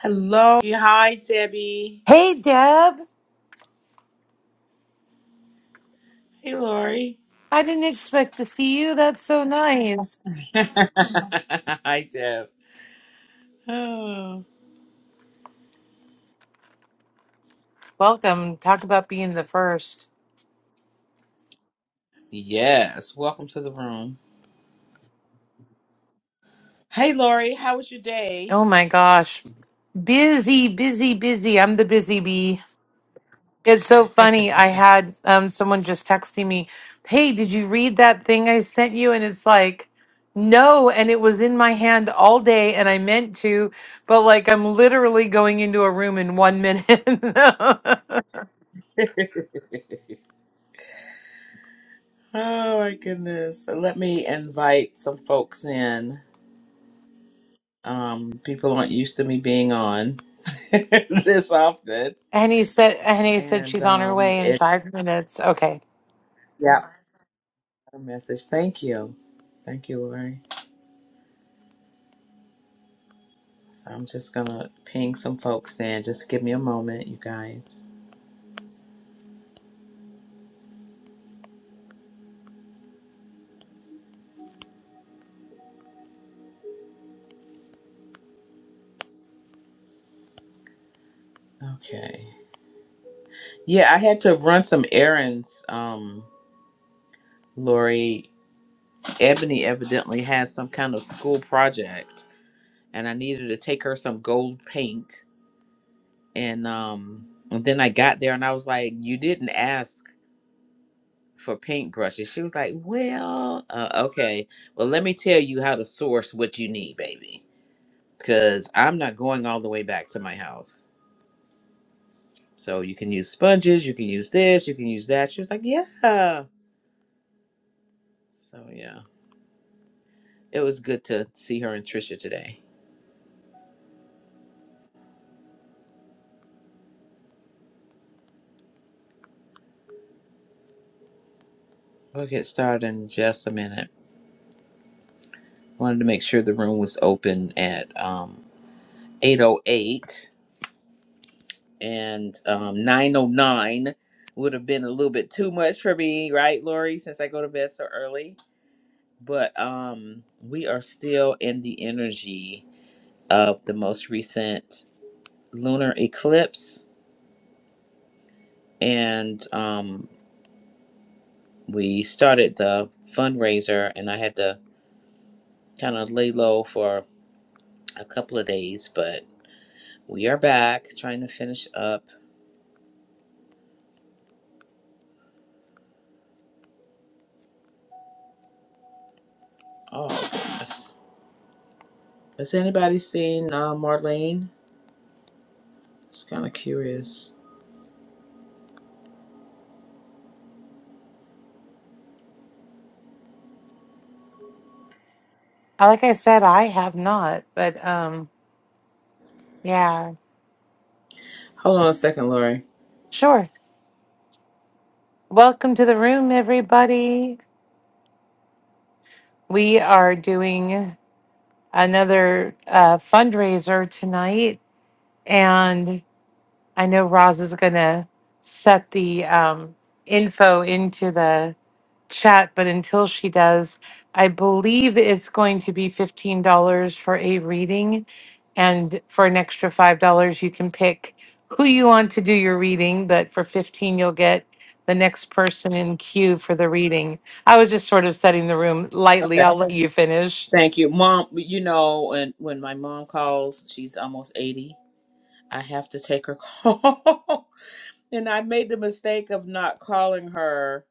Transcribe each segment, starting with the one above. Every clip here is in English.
Hello. Hi, Debbie. Hey, Deb. Hey, Lori. I didn't expect to see you. That's so nice. Hi, Deb. Oh. Welcome. Talk about being the first. Yes. Welcome to the room. Hey, Lori. How was your day? Oh my gosh. Busy, busy, busy. I'm the busy bee. It's so oh, funny. I had um, someone just texting me, Hey, did you read that thing I sent you? And it's like, no. And it was in my hand all day and I meant to, but like I'm literally going into a room in one minute. my goodness. So let me invite some folks in. Um, people aren't used to me being on this often. and he said, and he said, And she's on her um, way in it, five minutes. Okay. yeah, a message. Thank you. Thank you, Lori. So I'm just gonna ping some folks in. Just give me a moment, you guys. Okay. Yeah, I had to run some errands. Um, Lori, Ebony evidently has some kind of school project, and I needed to take her some gold paint. And um, and then I got there, and I was like, "You didn't ask for paintbrushes." She was like, "Well, uh, okay. Well, let me tell you how to source what you need, baby, because I'm not going all the way back to my house." So you can use sponges, you can use this, you can use that. She was like, yeah. So yeah, it was good to see her and Trisha today. We'll get started in just a minute. Wanted to make sure the room was open at um 808 and um 909 would have been a little bit too much for me, right, Lori, since I go to bed so early. But um we are still in the energy of the most recent lunar eclipse and um, we started the fundraiser and I had to kind of lay low for a couple of days, but we are back trying to finish up. Oh, has, has anybody seen uh, Marlene? Just kind of curious. Uh, Like I said, I have not, but um, yeah, Hold on a second, Lori. sure. Welcome to the room, everybody. We are doing another uh, fundraiser tonight, and I know Roz is gonna set the um, info into the chat, but until she does, I believe it's going to be $15 for a reading. And for an extra $5, you can pick who you want to do your reading, but for 15 you'll get the next person in queue for the reading. I was just sort of setting the room lightly. Okay. I'll let you finish. Thank you. Mom, you know, and when when my mom calls, she's almost 80. I have to take her call. and I made the mistake of not calling her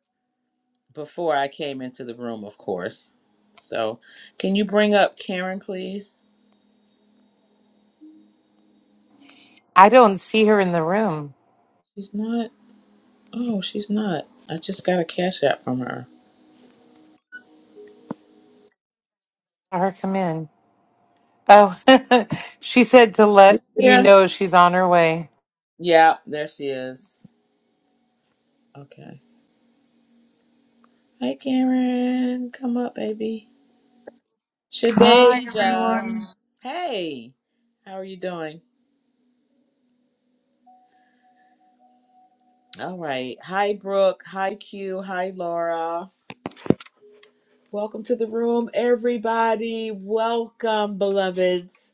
before I came into the room, of course. So, can you bring up Karen, please? I don't see her in the room. She's not. Oh, she's not. I just got a cash app from her. Let her come in. Oh, she said to let you Yeah. know she's on her way. Yeah, there she is. Okay. Hey, Karen. Come up, baby. Hi, Shadeja. everyone. Hey. How are you doing? All right. Hi, Brooke. Hi, Q. Hi, Laura. Welcome to the room, everybody. Welcome, beloveds.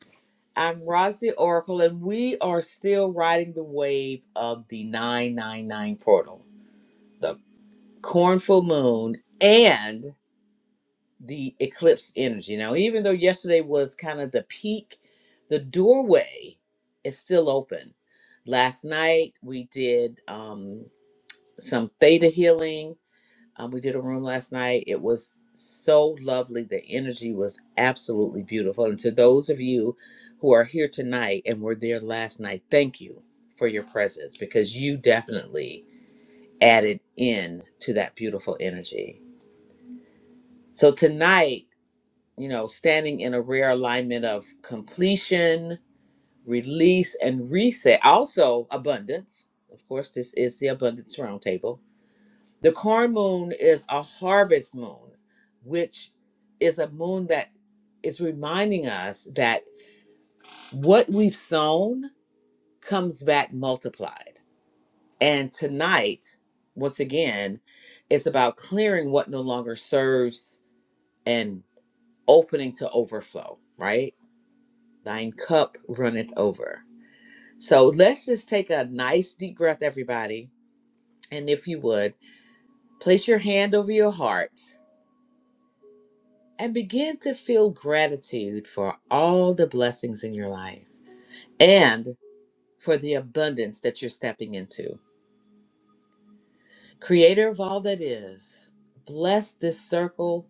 I'm Rosy Oracle, and we are still riding the wave of the 999 portal, the cornful moon, and the eclipse energy. Now, even though yesterday was kind of the peak, the doorway is still open. Last night we did um, some theta healing um, we did a room last night. It was so lovely. The energy was absolutely beautiful. And to those of you who are here tonight and were there last night, thank you for your presence because you definitely added in to that beautiful energy. So tonight, you know, standing in a rare alignment of completion, release, and reset, also abundance. Of course, this is the abundance roundtable The corn moon is a harvest moon, which is a moon that is reminding us that what we've sown comes back multiplied. And tonight, once again, it's about clearing what no longer serves and opening to overflow, right? Thine cup runneth over. So let's just take a nice deep breath, everybody. And if you would, place your hand over your heart and begin to feel gratitude for all the blessings in your life and for the abundance that you're stepping into. Creator of all that is, bless this circle,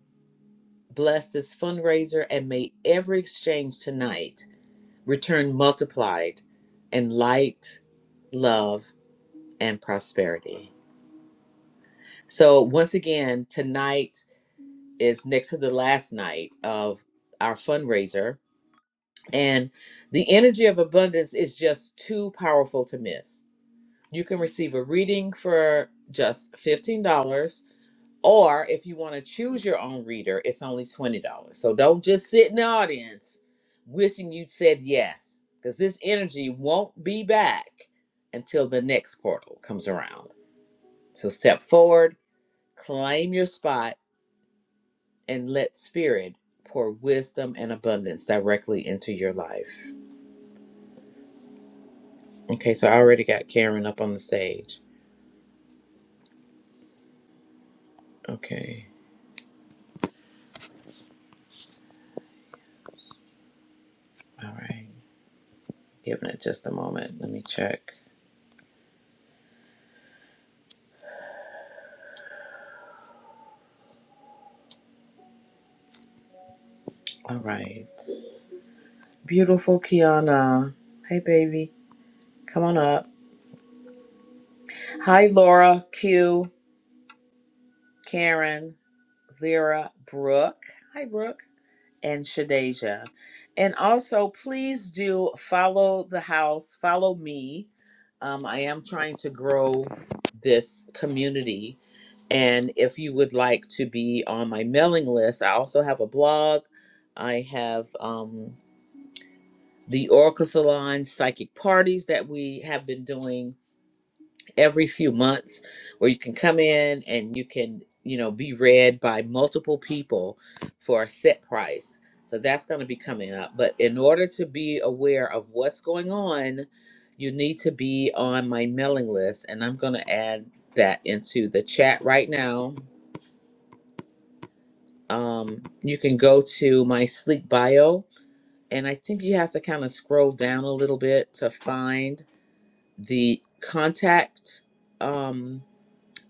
bless this fundraiser, and may every exchange tonight return multiplied in light, love, and prosperity. So, once again, tonight is next to the last night of our fundraiser And the energy of abundance is just too powerful to miss. You can receive a reading for just $15, or if you want to choose your own reader, it's only $20. So don't just sit in the audience wishing you said yes, because this energy won't be back until the next portal comes around. So step forward, claim your spot, and let spirit pour wisdom and abundance directly into your life. Okay, so I already got Karen up on the stage. Okay, all right. Giving it just a moment. Let me check. All right. Beautiful Kiana. Hey, baby. Come on up. Hi, Laura, Q, Karen, Lyra, Brooke. Hi, Brooke. And Shadeja. And also, please do follow the house, follow me. Um, I am trying to grow this community And if you would like to be on my mailing list, I also have a blog. I have um, the Oracle Salon psychic parties that we have been doing every few months, where you can come in and you can, you know, be read by multiple people for a set price. So that's going to be coming up. But in order to be aware of what's going on, you need to be on my mailing list. And I'm going to add that into the chat right now um, you can go to my sleek bio and i think you have to kind of scroll down a little bit to find the contact um,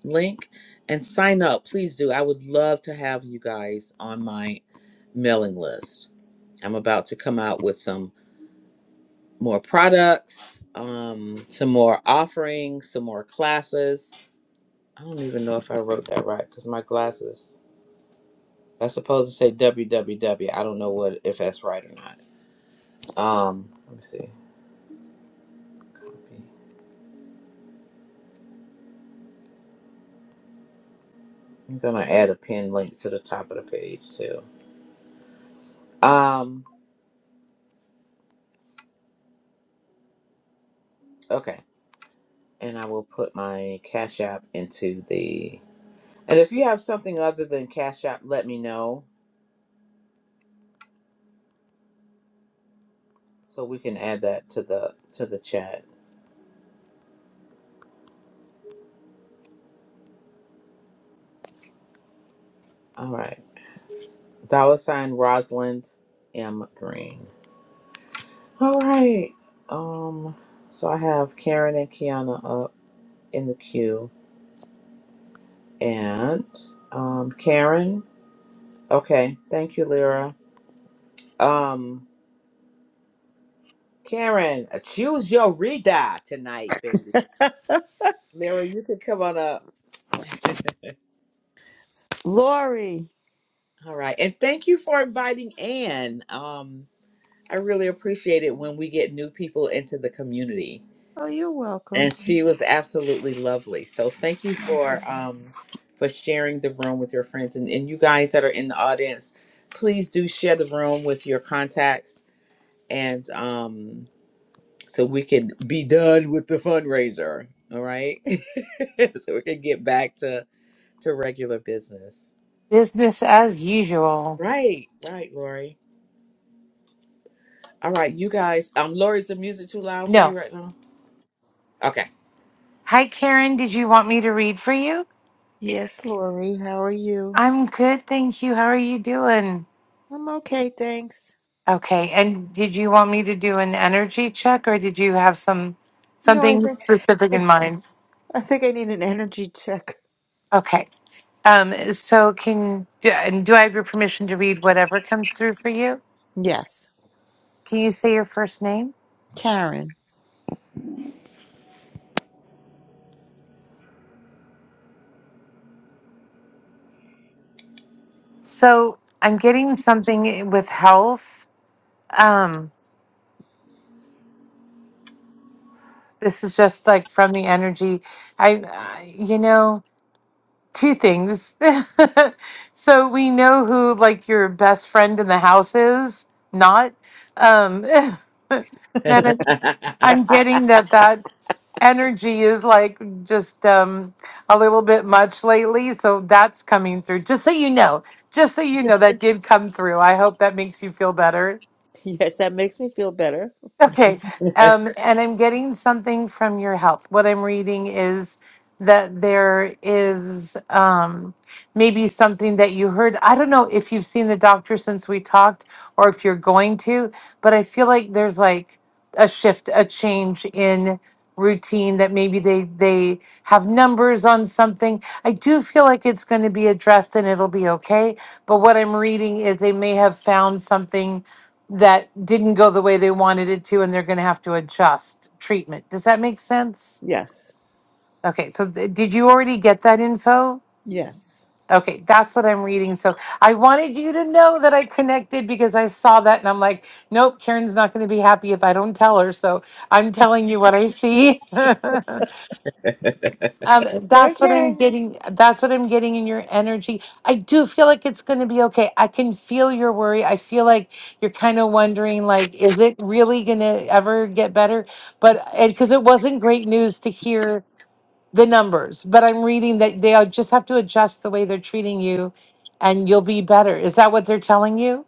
link and sign up please do i would love to have you guys on my mailing list i'm about to come out with some more products um, some more offerings some more classes i don't even know if i wrote that right because my glasses that's supposed to say www i don't know what if that's right or not Um, let me see. Copy. I'm gonna add a pin link to the top of the page too. Um, okay. And I will put my Cash App into the. And if you have something other than Cash App, let me know so we can add that to the to the chat. All right. Dollar sign Rosalind M Green. All right. Um. So I have Karen and Kiana up in the queue, and um, Karen. Okay. Thank you, Lyra. Um, Karen, uh, choose your Rita tonight, baby. Lyra, you can come on up. Lori. All right. And thank you for inviting Ann. Um, I really appreciate it when we get new people into the community. Oh, you're And welcome. she was absolutely lovely. So thank you for Okay. um for sharing the room with your friends and, and you guys that are in the audience, please do share the room with your contacts and um so we can be done with the fundraiser. All right. so we can get back to, to regular business. Business as usual. Right. Right, Lori. All right, you guys. Um, Lori, is the music too loud for you No. right now? Okay. Hi, Karen. Did you want me to read for you? Yes, Lori. How are you? I'm good, thank you. How are you doing? I'm okay, thanks. Okay. And did you want me to do an energy check or did you have some No, I something think specific in mind? I think I need an energy check. Okay. Um, so can do, and do I have your permission to read whatever comes through for you? Yes, Can you say your first name? Karen. So I'm getting something with health. Um, this is just like from the energy. I, I you know, two things. so we know who like your best friend in the house is, not. Um, and I'm, I'm getting that that energy is like just um, a little bit much lately. So that's coming through. Just so you know, just so you know, that did come through. I hope that makes you feel better. Yes, that makes me feel better. Okay. Um, and I'm getting something from your health. What I'm reading is that there is um, maybe something that you heard. I don't know if you've seen the doctor since we talked or if you're going to, but I feel like there's like a shift, a change in routine that maybe they they have numbers on something. I do feel like it's going to be addressed and it'll be okay, but what I'm reading is they may have found something that didn't go the way they wanted it to, and they're going to have to adjust treatment. Does that make sense? Yes, Okay, so th- did you already get that info? yes. Okay, that's what I'm reading. So I wanted you to know that I connected because I saw that and I'm like, nope, Karen's not going to be happy if I don't tell her. So I'm telling you what I see. Um, It's that's what I'm okay. getting. That's what I'm getting in your energy. I do feel like it's going to be okay. I can feel your worry. I feel like you're kind of wondering, like, is it really going to ever get better? But because it wasn't great news to hear the numbers, but I'm reading that they just have to adjust the way they're treating you, and you'll be better. Is that what they're telling you?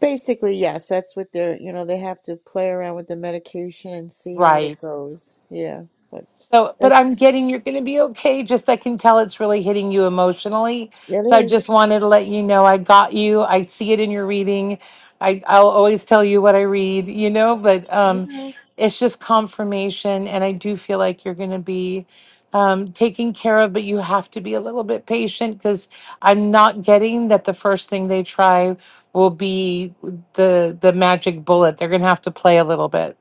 Basically, yes. That's what they're. You know, they have to play around with the medication and see how Right. it goes. Yeah, but So, but like I'm getting you're going to be okay. Just I can tell it's really hitting you emotionally. So I it is. just wanted to let you know I got you. I see it in your reading. I I'll always tell you what I read, you know, but I um know. it's just confirmation and I do feel like you're going to be um taken care of, but you have to be a little bit patient cuz I'm not getting that the first thing they try will be the the magic bullet. They're going to have to play a little bit.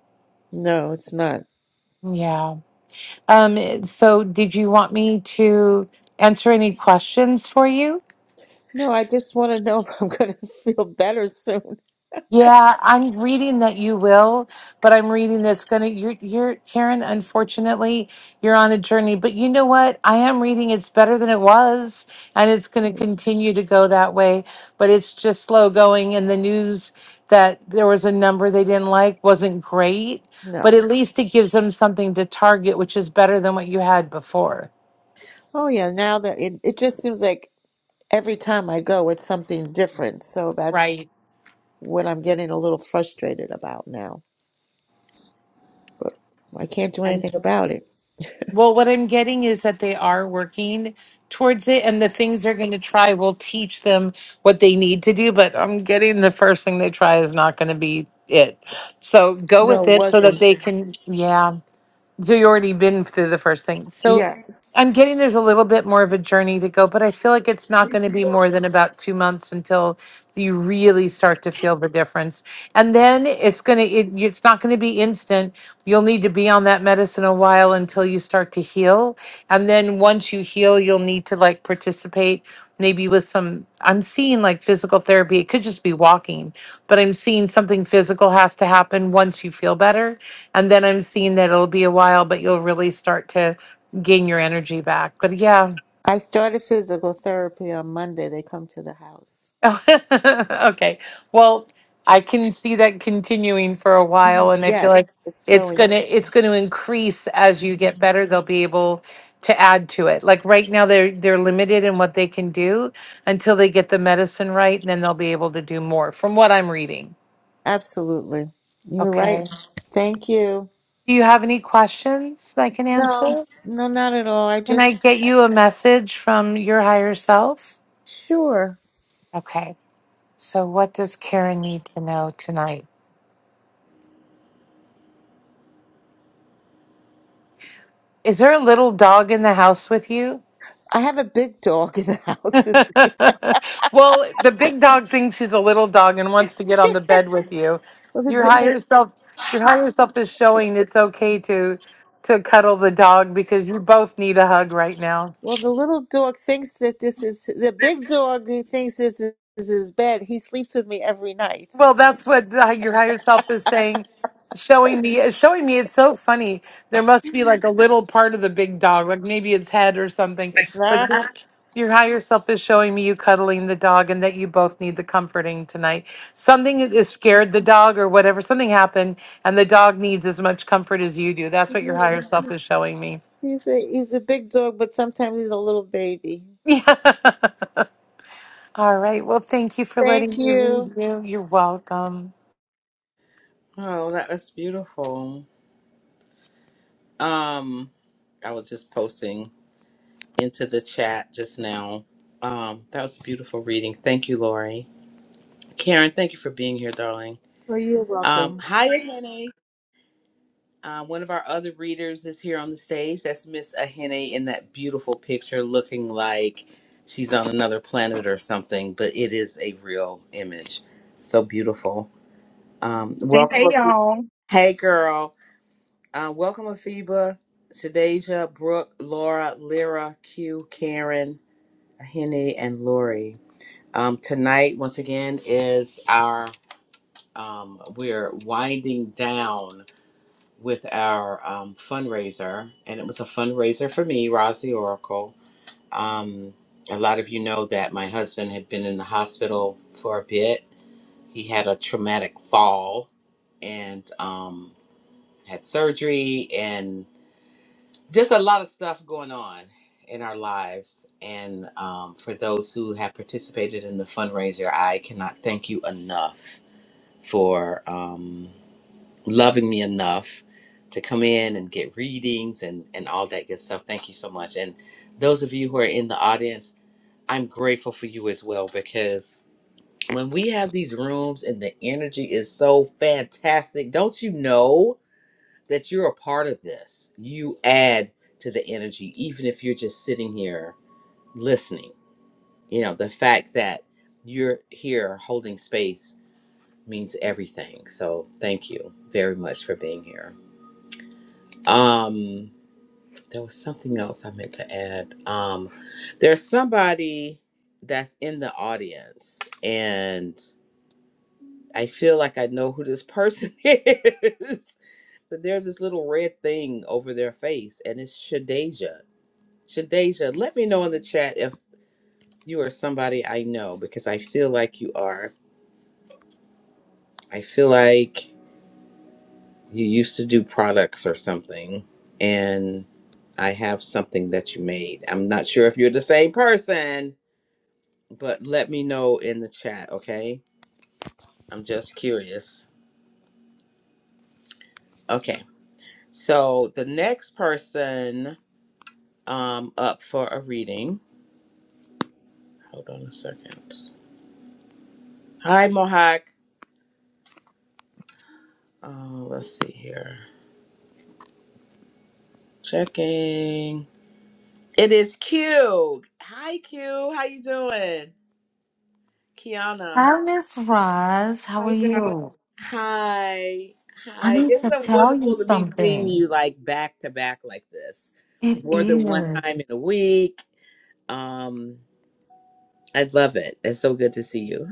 No, it's not. Yeah. Um, so did you want me to answer any questions for you? No, I just want to know if I'm going to feel better soon. Yeah, I'm reading that you will, but I'm reading that's gonna you're you're Karen, unfortunately, you're on a journey. But you know what? I am reading it's better than it was, and it's gonna continue to go that way. But it's just slow going and the news that there was a number they didn't like wasn't great, No. but at least it gives them something to target, which is better than what you had before. Oh, yeah. Now that it, it just seems like every time I go, it's something different. So that's Right. what I'm getting a little frustrated about now. But I can't do anything about it. Well, what I'm getting is that they are working towards it, and the things they're going to try will teach them what they need to do. But I'm getting the first thing they try is not going to be it. So go with No, it it so that wasn't. they can, yeah. So you already been through the first thing. So Yes. I'm getting there's a little bit more of a journey to go, but I feel like it's not going to be more than about two months until you really start to feel the difference. And then it's going to, it, it's not going to be instant. You'll need to be on that medicine a while until you start to heal. And then once you heal, you'll need to like participate maybe with some, I'm seeing like physical therapy. It could just be walking, but I'm seeing something physical has to happen once you feel better and then I'm seeing that it'll be a while, but you'll really start to gain your energy back. But yeah. I started physical therapy on Monday. They come to the house. okay. Well, I can see that continuing for a while and I feel like Yes, it's it's going. going to it's going to increase as you get better. They'll be able to add to it. Like right now they're they're limited in what they can do until they get the medicine right and then they'll be able to do more from what I'm reading. Absolutely. You're Okay. right. Thank you. Do you have any questions that I can No. answer? No, not at all. I Can I just, get you a message from your higher self? sure. Okay. So what does Karen need to know tonight? Is there a little dog in the house with you? I have a big dog in the house. With, well, the big dog thinks he's a little dog and wants to get on the bed with you. well, the, Your d- higher self your higher self is showing it's okay to to cuddle the dog because you both need a hug right now. well, the little dog thinks that this is the big dog. He thinks this is, is his bed. He sleeps with me every night. Well, that's what the, your higher self is saying, showing me, uh, showing me. It's so funny. There must be like a little part of the big dog, like maybe its head or something. But Nah, your, your higher self is showing me you cuddling the dog, and that you both need the comforting tonight. Something is scared the dog, or whatever. Something happened, and the dog needs as much comfort as you do. That's what your higher self is showing me. he's a he's a big dog, but sometimes he's a little baby. Yeah. All right. Well, thank you for letting Thank me read you. you. You're welcome. oh, that was beautiful. Um, I was just posting into the chat just now. Um, that was a beautiful reading. Thank you, Lori. Karen, thank you for being here, darling. Well, you're Um, welcome. hi, Ahene. Uh, one of our other readers is here on the stage. That's Miss Ahene in that beautiful picture, looking like she's on another planet or something, but it is a real image. So beautiful. Um, Hey, welcome. hey, Afi- y'all. Hey, girl. Uh, welcome, Afiba, Shadeja, Brooke, Laura, Lyra, Q, Karen, Ahene, and Lori. Um, tonight, once again, is our um, we're winding down with our um, fundraiser, and it was a fundraiser for me, Roz the Oracle. Um, a lot of you know that my husband had been in the hospital for a bit. He had a traumatic fall and um, had surgery, and just a lot of stuff going on in our lives. And um, for those who have participated in the fundraiser, I cannot thank you enough for. Um, loving me enough to come in and get readings and, and all that good stuff. Thank you so much. And those of you who are in the audience, I'm grateful for you as well because when we have these rooms and the energy is so fantastic, don't you know that you're a part of this? You add to the energy, even if you're just sitting here listening. You know, the fact that you're here holding space means everything. So thank you very much for being here. Um, there was something else I meant to add. Um, there's somebody that's in the audience, and I feel like I know who this person is. But there's this little red thing over their face, and it's Shadeja. Shadeja, let me know in the chat if you are somebody I know because I feel like you are. I feel like you used to do products or something and i have something that you made i'm not sure if you're the same person but let me know in the chat okay i'm just curious okay so the next person um up for a reading hold on a second hi mohawk Oh, let's see here checking it is q hi q how you doing kiana Hi, Miss Roz. How Hi, are John. you? Hi. I Hi. need It's to so tell you wonderful to be seeing something. you like back to back like this, It more than one time is. in a week. Um, I love it. It's so good to see you.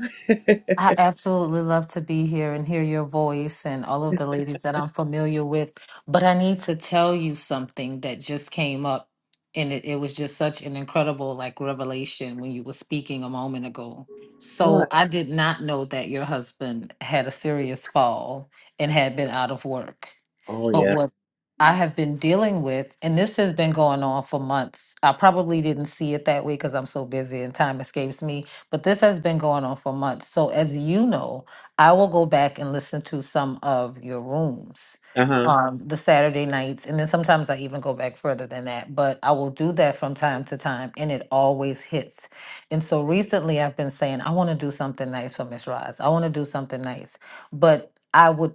I absolutely love to be here and hear your voice and all of the ladies that I'm familiar with. But I need to tell you something that just came up. And it, it was just such an incredible like revelation when you were speaking a moment ago. So What? I did not know that your husband had a serious fall and had been out of work. Oh But yeah. what I have been dealing with, and this has been going on for months, I probably didn't see it that way because I'm so busy and time escapes me, but this has been going on for months. So, as you know, I will go back and listen to some of your rooms. Uh huh. Um, the Saturday nights, and then sometimes I even go back further than that, but I will do that from time to time, and it always hits. And so recently, I've been saying, I want to do something nice for Miss Roz, I want to do something nice, but I would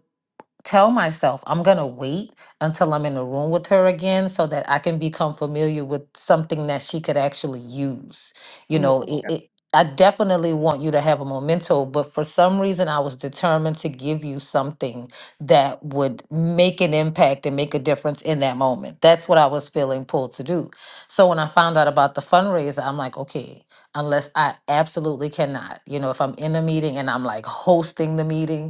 tell myself I'm going to wait until I'm in a room with her again so that I can become familiar with something that she could actually use. You Oh, know, it, it, I definitely want you to have a memento, but for some reason, I was determined to give you something that would make an impact and make a difference in that moment. That's what I was feeling pulled to do. So when I found out about the fundraiser, I'm like, okay, unless I absolutely cannot, you know, if I'm in a meeting and I'm like hosting the meeting,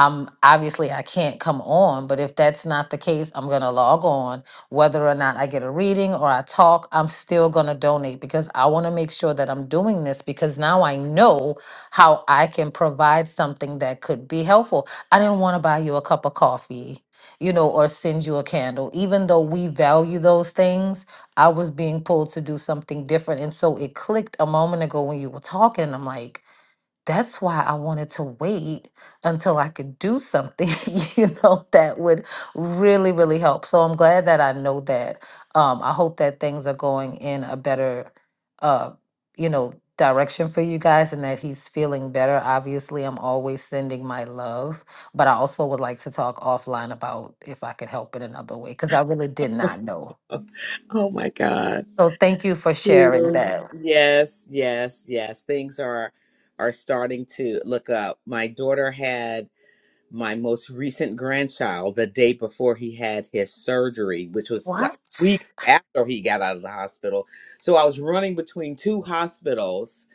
I'm obviously I can't come on, but if that's not the case, I'm gonna log on. Whether or not I get a reading or I talk, I'm still gonna donate because I wanna make sure that I'm doing this because now I know how I can provide something that could be helpful. I didn't wanna buy you a cup of coffee, you know, or send you a candle. Even though we value those things, I was being pulled to do something different. And so it clicked a moment ago when you were talking. I'm like, that's why I wanted to wait until I could do something, you know, that would really, really help. So I'm glad that I know that. Um, I hope that things are going in a better, uh, you know, direction for you guys and that he's feeling better. Obviously, I'm always sending my love, but I also would like to talk offline about if I could help in another way because I really did not know. oh my God. So thank you for sharing You. that. Yes, yes, yes. Things are are starting to look up. My daughter had my most recent grandchild the day before he had his surgery, which was like What? weeks after he got out of the hospital. So I was running between two hospitals,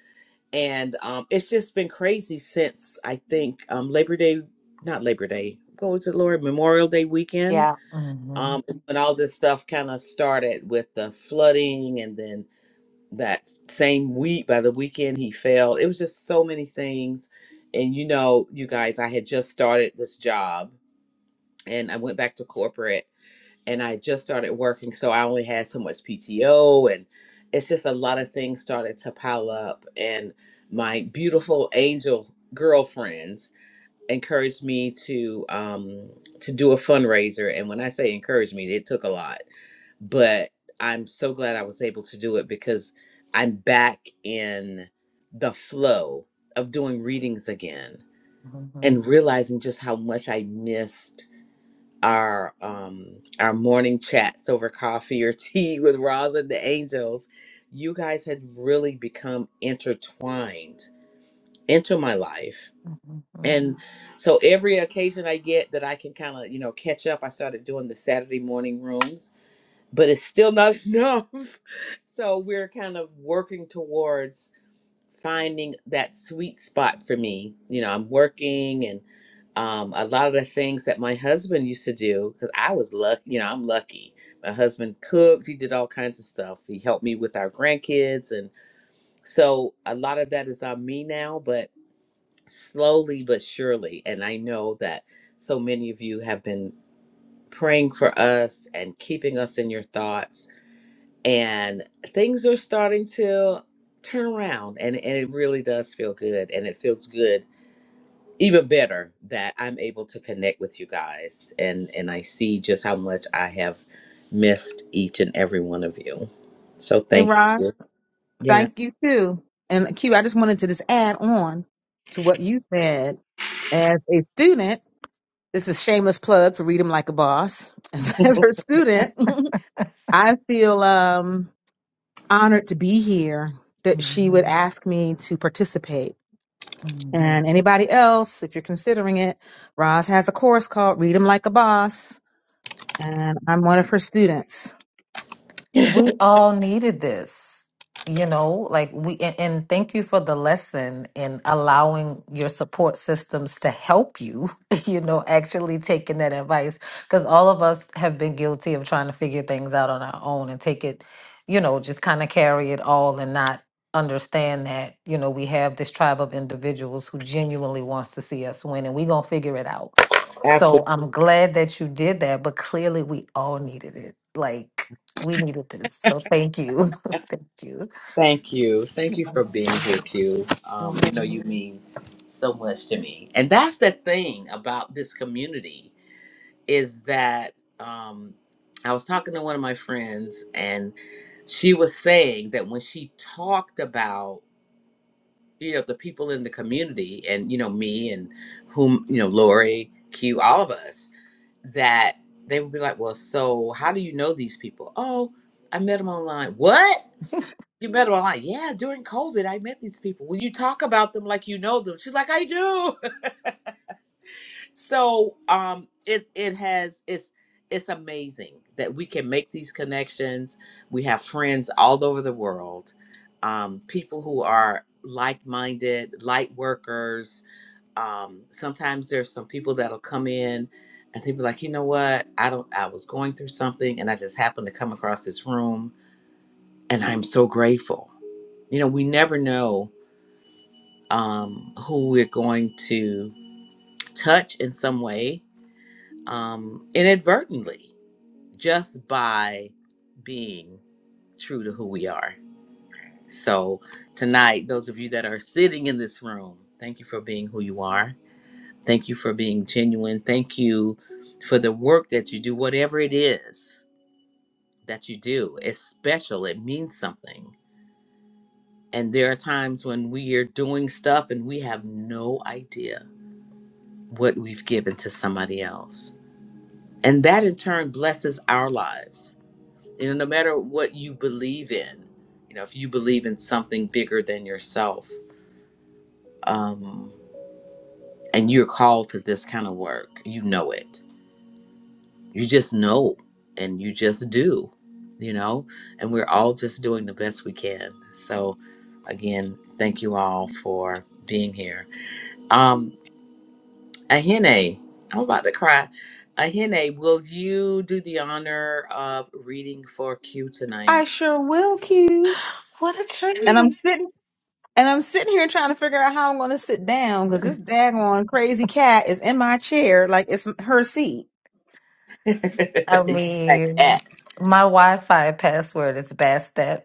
and um, it's just been crazy since I think um, Labor Day, not Labor Day, what was it, Lord? Memorial Day weekend. Yeah. hmm Um, is when all this stuff kind of started with the flooding, and then that same week, by the weekend, he fell. It was just so many things. And you know, you guys, I had just started this job and I went back to corporate and I just started working. So I only had so much PTO and it's just a lot of things started to pile up. And my beautiful angel girlfriends encouraged me to um to do a fundraiser. And when I say encouraged me, it took a lot. But I'm so glad I was able to do it because I'm back in the flow of doing readings again and realizing just how much I missed our um our morning chats over coffee or tea with Roz and the Angels, you guys had really become intertwined into my life. hmm And so every occasion I get that I can kind of, you know, catch up, I started doing the Saturday morning rooms, but it's still not enough. So we're kind of working towards finding that sweet spot for me. You know, I'm working and um, a lot of the things that my husband used to do, because I was lucky, you know, I'm lucky. My husband cooked, he did all kinds of stuff. He helped me with our grandkids. And so a lot of that is on me now, but slowly but surely. And I know that so many of you have been praying for us and keeping us in your thoughts and things are starting to turn around and, and it really does feel good and it feels good even better that i'm able to connect with you guys and and i see just how much i have missed each and every one of you so Hey, thank Ron. you yeah Thank you too. And Q, I just wanted to just add on to what you said. As a student, this is shameless plug for Read 'em Like a Boss. As, as her student, I feel um, honored to be here that she hmm would ask me to participate. Mhm. And anybody else, if you're considering it, Roz has a course called Read 'em Like a Boss, and I'm one of her students. We all needed this, you know, like we, and, and thank you for the lesson in allowing your support systems to help you, you know, actually taking that advice. Because all of us have been guilty of trying to figure things out on our own and take it, you know, just kind of carry it all and not understand that, you know, we have this tribe of individuals who genuinely wants to see us win and we're going to figure it out. So absolutely I'm glad that you did that, but clearly we all needed it. Like, We needed this. So thank you. thank you. thank you thank you for being here q um, i know Mhm. you mean so much to me and that's the thing about this community is that um, I was talking to one of my friends, and she was saying that when she talked about you know the people in the community, and you know me and whom you know Lori, Q, all of us, that they would be like, "Well, so how do you know these people?" Oh, I met them online. What? You met them online? Yeah, during COVID, I met these people. When you talk about them like you know them, she's like, "I do." So um it it has it's it's amazing that we can make these connections. We have friends all over the world, um, people who are like-minded, light workers. Um, sometimes there's some people that'll come in and they'll be like, you know what? I don't I was going through something and I just happened to come across this room and I'm so grateful. You know, we never know um who we're going to touch in some way um, inadvertently just by being true to who we are. So, tonight, those of you that are sitting in this room, thank you for being who you are. Thank you for being genuine. Thank you for the work that you do, whatever it is that you do. It's special, it means something. And there are times when we are doing stuff and we have no idea what we've given to somebody else. And that in turn blesses our lives you know no matter what you believe in you know if you believe in something bigger than yourself um and you're called to this kind of work you know it you just know and you just do you know and we're all just doing the best we can so again thank you all for being here um ahene i'm about to cry ahene will you do the honor of reading for q I tonight sure will, Q. What a And treat. I'm sitting And I'm sitting here trying to figure out how I'm going to sit down because this daggone crazy cat is in my chair like it's her seat. I You like that. mean, my Wi Fi password is Bastet,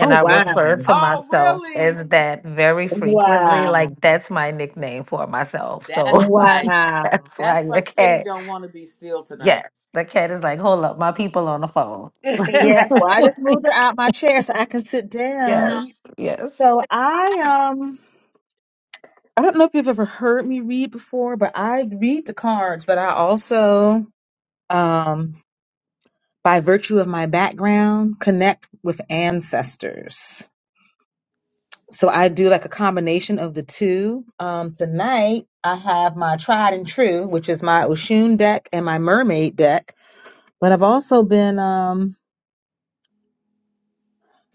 Oh I wow. refer to Oh, myself really? as that very frequently. Wow. Like, that's my nickname for myself. So That's why. Wow. that's That's why why your Kitty cat, don't want to be still tonight. yes, the cat is like, hold up, my people on the phone. Yeah. Well, I just moved her out my chair so I can sit down. Yes, yes. So I um I don't know if you've ever heard me read before, but I read the cards, but I also um by virtue of my background connect with ancestors. So I do like a combination of the two. Um, tonight I have my tried and true, which is my Oshun deck and my mermaid deck. But I've also been um,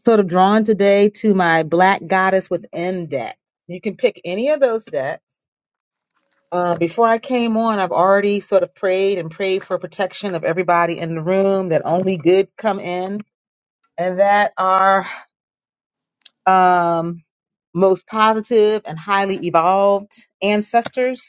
sort of drawn today to my Black Goddess Within deck. You can pick any of those decks. Uh, before I came on, I've already sort of prayed and prayed for protection of everybody in the room that only good come in and that our um, most positive and highly evolved ancestors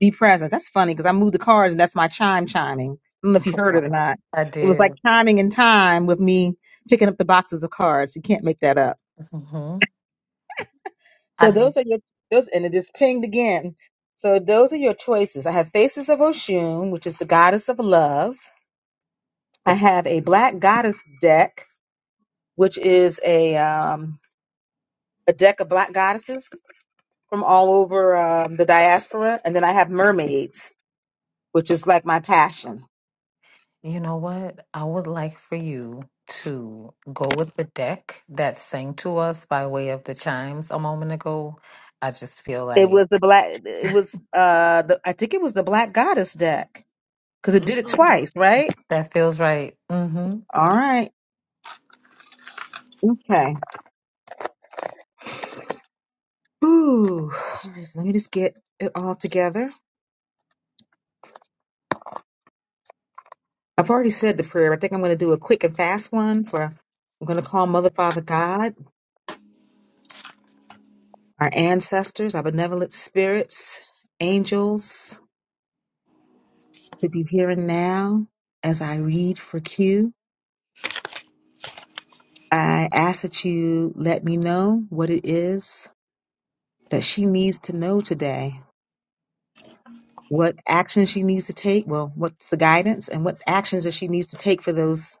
Be present. That's funny because I moved the cards and that's my chime chiming. I don't know if you heard Wow. it or not. I It was like did. chiming in time with me picking up the boxes of cards. You can't make that up. hmm So those are your those and it is pinged again. So those are your choices. I have Faces of Oshun, which is the goddess of love. I have a black goddess deck, which is a um, a deck of black goddesses from all over um, the diaspora, and then I have mermaids, which is like my passion. You know what? I would like for you to go with the deck that sang to us by way of the chimes a moment ago. I just feel It like was the black. It was uh, the, I think it was the Black Goddess deck because it did it Mm. twice, right? that feels right. Mm-hmm. All right. Okay. Ooh. All right, so let me just get it all together. I've already said the prayer. I think I'm going to do a quick and fast one for. I'm going to call Mother, Father, God, our ancestors, our benevolent spirits, angels to be here and now. As I read for Q, I ask that you let me know what it is that she needs to know today what actions she needs to take. Well, what's the guidance and what actions that she needs to take for those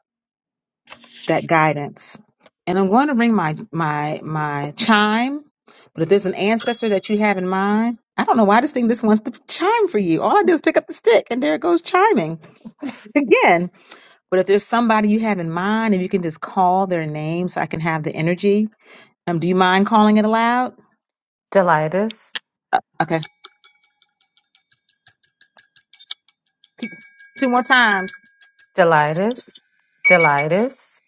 that guidance. And I'm going to ring my my my chime. But if there's an ancestor that you have in mind, I don't know why this thing just wants to chime for you. All I do is pick up the stick and there it goes chiming again. But if there's somebody you have in mind and you can just call their name so I can have the energy. Um, do you mind calling it aloud? Delitus, Uh, Okay. Two more times. Delitus, Delitus.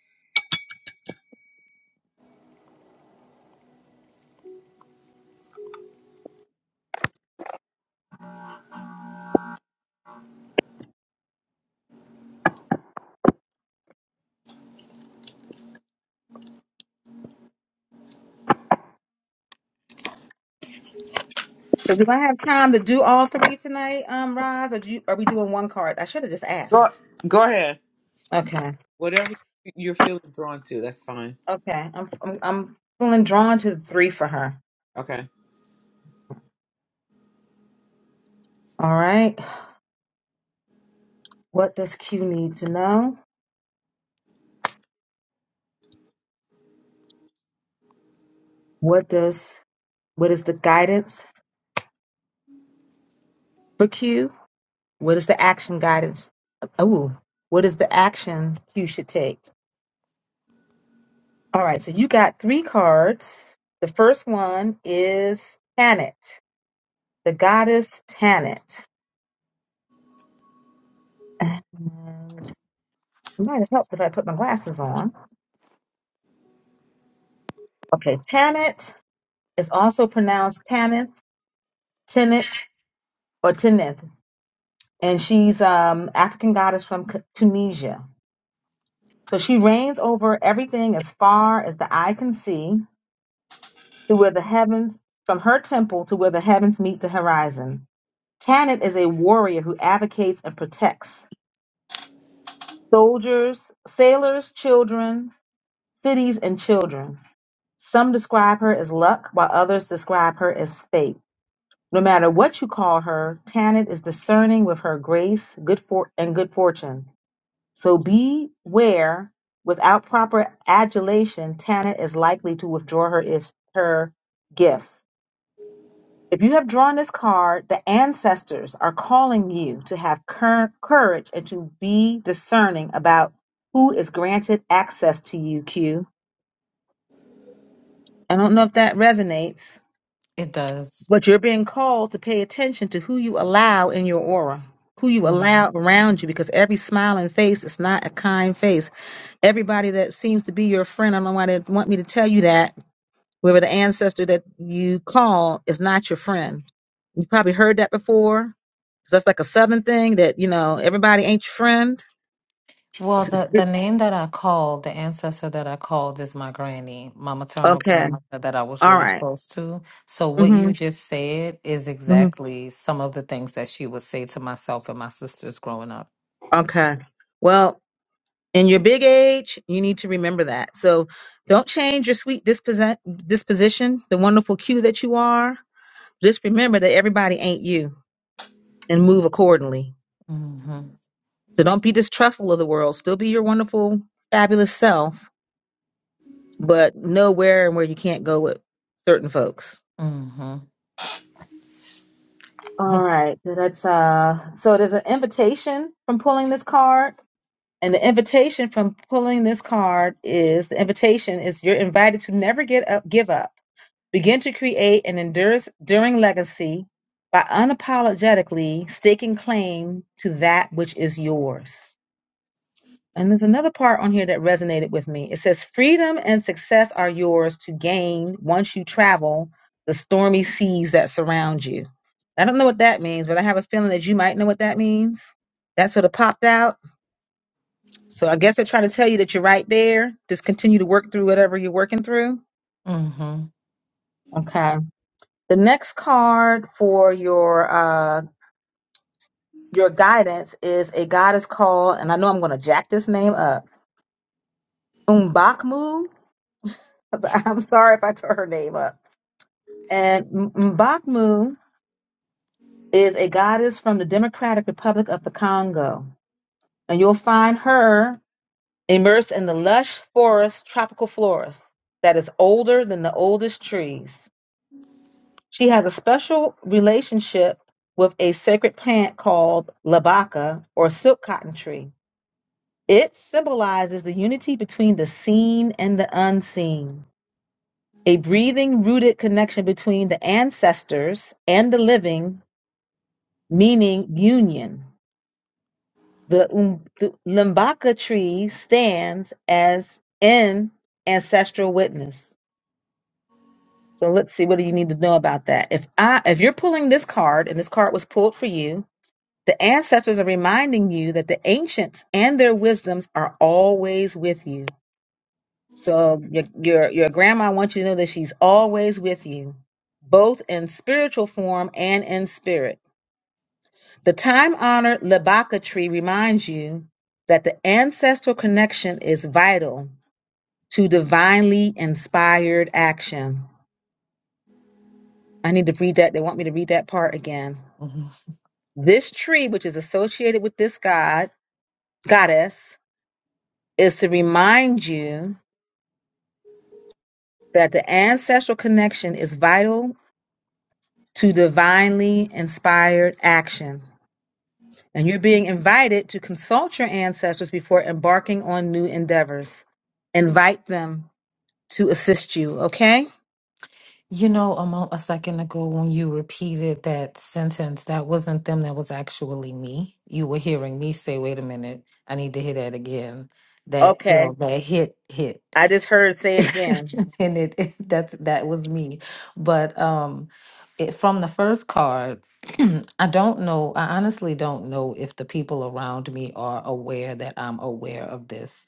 So do I have time to do all three tonight, um, Roz, or do you, are we doing one card? I should have just Go, asked. go ahead. Okay, Whatever you're feeling drawn to, that's fine. okay. I'm, I'm I'm feeling drawn to the three for her. Okay. All right. What does Q need to know? What does what is the guidance for Q? What is the action guidance? Oh, what is the action Q should take? All right. So you got three cards. The first one is Tanit, the goddess Tanit. It might have helped if I put my glasses on. Okay, Tanit is also pronounced Tanith, Tenith, or Tenith, and she's um African goddess from C- Tunisia. So she reigns over everything as far as the eye can see, to where the heavens, from her temple to where the heavens meet the horizon. Tanit is a warrior who advocates and protects soldiers, sailors, children, cities, and children. Some describe her as luck, while others describe her as fate. No matter what you call her, Tanit is discerning with her grace, good for and good fortune. So beware, without proper adulation, Tanit is likely to withdraw her is her gifts. If you have drawn this card, the ancestors are calling you to have cur- courage and to be discerning about who is granted access to you, Q. I don't know if that resonates. It does. But you're being called to pay attention to who you allow in your aura, who you hmm allow around you, because every smiling face is not a kind face. Everybody that seems to be your friend, I don't know why they want me to tell you that, whoever the ancestor that you call is not your friend. You probably heard that before. 'cause that's like a southern thing that, you know, everybody ain't your friend. Well, the, the name that I called, the ancestor that I called is my granny, my maternal okay. grandmother that I was All really right. close to. So what Mm-hmm. you just said is Mm-hmm. exactly some of the things that she would say to myself and my sisters growing up. Okay. Well, in your big age, you need to remember that. So don't change your sweet disposi- disposition, the wonderful cue that you are. Just remember that everybody ain't you and move accordingly. Mm-hmm. So don't be distrustful of the world. Still be your wonderful, fabulous self, but know where and where you can't go with certain folks. Mm-hmm. All right, so that's uh. So there's an invitation from pulling this card, And the invitation from pulling this card is the invitation is you're invited to never get up, give up. Begin to create an enduring legacy by unapologetically staking claim to that which is yours. And there's another part on here that resonated with me. It says, Freedom and success are yours to gain once you travel the stormy seas that surround you. I don't know what that means, but I have a feeling that you might know what that means. That sort of popped out. So I guess they're trying to tell you that you're right there. Just continue to work through whatever you're working through. Mm-hmm. Okay. The next card for your uh your guidance is a goddess called, and I know I'm gonna jack this name up, Mbakmu. I'm sorry if I tore her name up. And M- Mbakmu is a goddess from the Democratic Republic of the Congo, and you'll find her immersed in the lush forest, tropical forest that is older than the oldest trees. She has a special relationship with a sacred plant called labaka or silk cotton tree It symbolizes the unity between the seen and the unseen, a breathing, rooted connection between the ancestors and the living, meaning union. The, um, the Limbaka tree stands as an ancestral witness. So let's see what do you need to know about that. If I if you're pulling this card and this card was pulled for you, the ancestors are reminding you that the ancients and their wisdoms are always with you. So your your your grandma wants you to know that she's always with you, both in spiritual form and in spirit. The time-honored Labaka tree reminds you that the ancestral connection is vital to divinely inspired action. I need to read that. They want me to read that part again. hmm This tree, which is associated with this god, goddess, is to remind you that the ancestral connection is vital to divinely inspired action. And you're being invited to consult your ancestors before embarking on new endeavors. Invite them to assist you, okay? You know, a, mo- a second ago when you repeated that sentence, that wasn't them, that was actually me. You were hearing me say, wait a minute, I need to hear that again. That, you Okay. know, that hit, hit. I just heard say it again. and it, it that's that was me but um it, from the first card i don't know i honestly don't know if the people around me are aware that i'm aware of this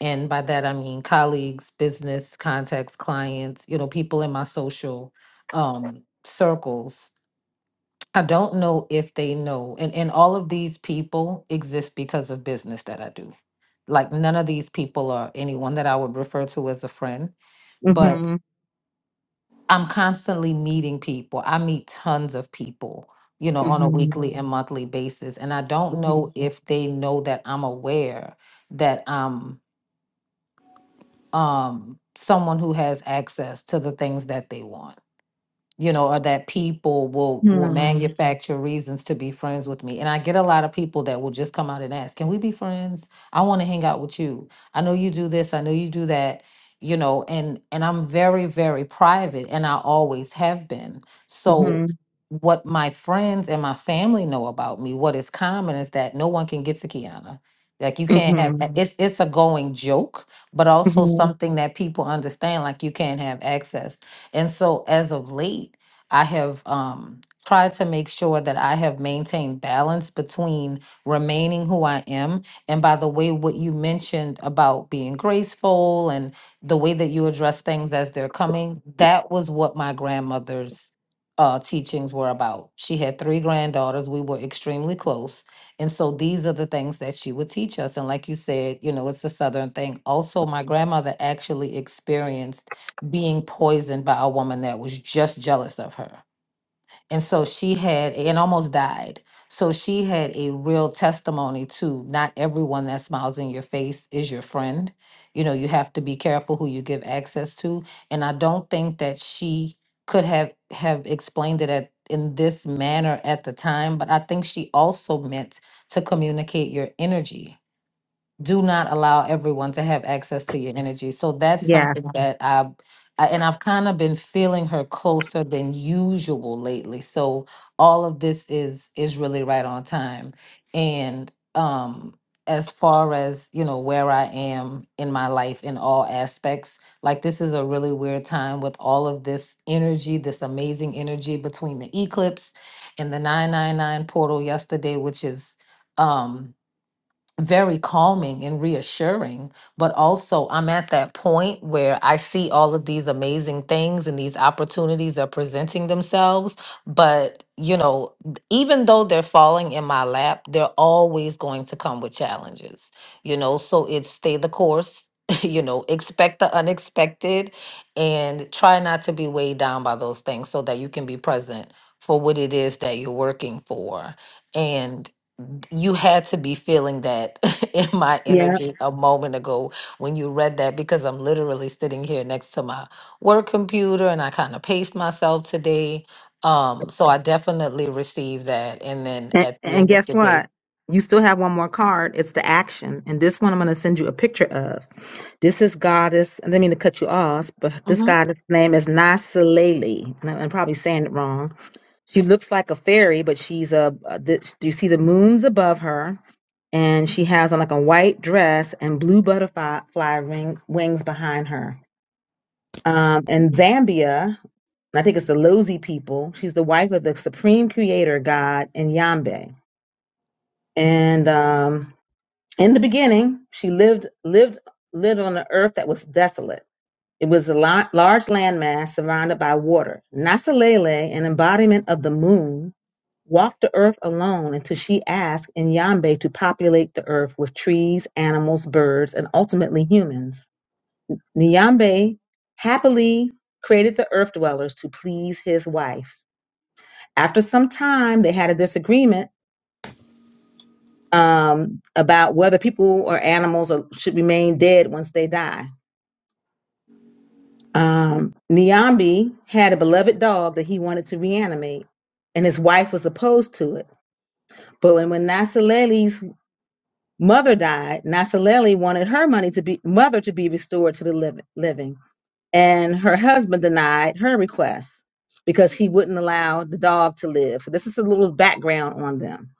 and by that i mean colleagues business contacts clients you know people in my social um circles I don't know if they know. And and all of these people exist because of business that I do. Like none of these people are anyone that I would refer to as a friend but Mm-hmm. I'm constantly meeting people. I meet tons of people, you know, on a Mm-hmm. weekly and monthly basis. And I don't know if they know that I'm aware that I'm um someone who has access to the things that they want. you know, or that people will Mm-hmm. will manufacture reasons to be friends with me. And I get a lot of people that will just come out and ask, "Can we be friends? I want to hang out with you. I know you do this, I know you do that." You know, and and I'm very very private and I always have been. So Mm-hmm. what my friends and my family know about me, what is common is that no one can get to Kiana. Like you can't have Mm-hmm. a- it's it's a going joke, but also Mm-hmm. something that people understand like you can't have access and so as of late, I have um, tried to make sure that I have maintained balance between remaining who I am. And by the way, what you mentioned about being graceful and the way that you address things as they're coming, that was what my grandmother's uh, teachings were about. She had three granddaughters. We were extremely close. And so these are the things that she would teach us. And like you said, you know, it's a Southern thing. Also, my grandmother actually experienced being poisoned by a woman that was just jealous of her. And so she had, and almost died. So she had a real testimony to not everyone that smiles in your face is your friend. You know, you have to be careful who you give access to. And I don't think that she could have have explained it at, in this manner at the time, but I think she also meant to communicate your energy do not allow everyone to have access to your energy. So that's Yeah. something Mhm. that I, I and I've kind of been feeling her closer than usual lately. So all of this is is really right on time. And um as far as, you know, where I am in my life in all aspects, like this is a really weird time with all of this energy, this amazing energy between the eclipse and the 999 portal yesterday, which is um very calming and reassuring but also i'm at that point where i see all of these amazing things and these opportunities are presenting themselves but you know th- even though they're falling in my lap they're always going to come with challenges you know so it's stay the course you know expect the unexpected and try not to be weighed down by those things so that you can be present for what it is that you're working for and you had to be feeling that in my Yeah. energy a moment ago when you read that because I'm literally sitting here next to my work computer and I kind of paced myself today. Um, so I definitely received that. And then And, at the and end of guess the day, what? You still have one more card. It's the action. And this one I'm going to send you a picture of. This is goddess, I didn't mean to cut you off, but this Mhm. goddess name is Nasalele. And I'm I'm probably saying it wrong. She looks like a fairy, but she's a, a this, do you see the moons above her? And she has on like a white dress and blue butterfly fly ring, wings behind her. Um, in Zambia, and I think it's the Lozi people, she's the wife of the supreme creator god Nyambe and um, in the beginning, she lived lived lived on an earth that was desolate. It was a la- large landmass surrounded by water. Nasalele, an embodiment of the moon, walked the earth alone until she asked Nyambe to populate the earth with trees, animals, birds, and ultimately humans. Nyambe happily created the earth dwellers to please his wife. After some time, they had a disagreement um, about whether people or animals are, should remain dead once they die. Um, Nyambi had a beloved dog that he wanted to reanimate, and his wife was opposed to it. But when, when Nasaleli's mother died, Nasaleli wanted her money to be mother to be restored to the liv- living, and her husband denied her request because he wouldn't allow the dog to live. So this is a little background on them.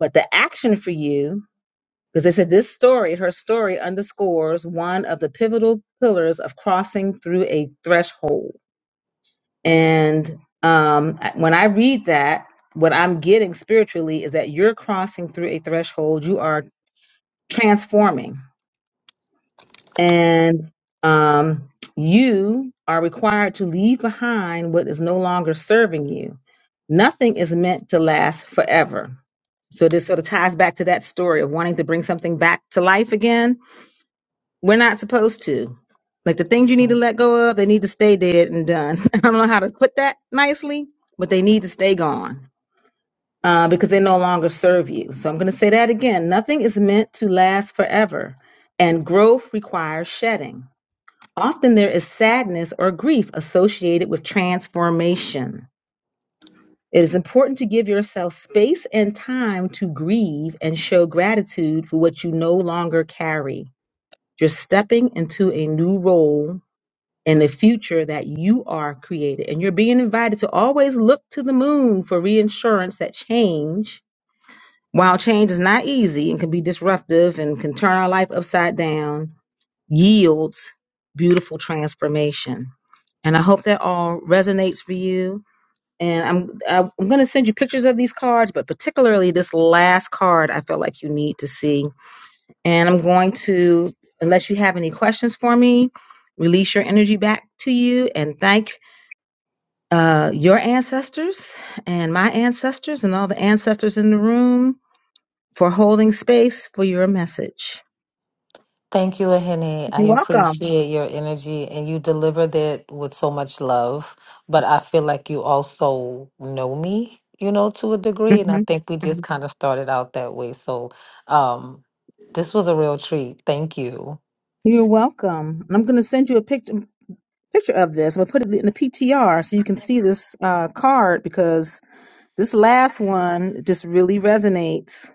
But the action for you Because they said this story, her story, underscores one of the pivotal pillars of crossing through a threshold. And um, when I read that, what I'm getting spiritually is that you're crossing through a threshold, you are transforming, and um, you are required to leave behind what is no longer serving you. Nothing is meant to last forever. So this sort of ties back to that story of wanting to bring something back to life again We're not supposed to. Like the things you need to let go of, they need to stay dead and done. I don't know how to put that nicely, but they need to stay gone uh, because they no longer serve you. So I'm going to say that again. Nothing is meant to last forever, and growth requires shedding. Often there is sadness or grief associated with transformation. It is important to give yourself space and time to grieve and show gratitude for what you no longer carry. You're stepping into a new role and the future that you are created. And you're being invited to always look to the moon for reinsurance that change, while change is not easy and can be disruptive and can turn our life upside down, yields beautiful transformation. And I hope that all resonates for you. And I'm I- am i am going to send you pictures of these cards, but particularly this last card, I feel like you need to see. And I'm going to, unless you have any questions for me, release your energy back to you and thank uh, your ancestors and my ancestors and all the ancestors in the room for holding space for your message. Thank you, Ahene. I You're welcome. appreciate your energy and you delivered it with so much love. But I feel like you also know me, you know, to a degree. And I think we hmm just kind of started out that way. So um this was a real treat. Thank you. You're welcome. And I'm going to send you a picture picture of this. I'm going to put it in the PTR so you can see this uh, card because this last one just really resonates.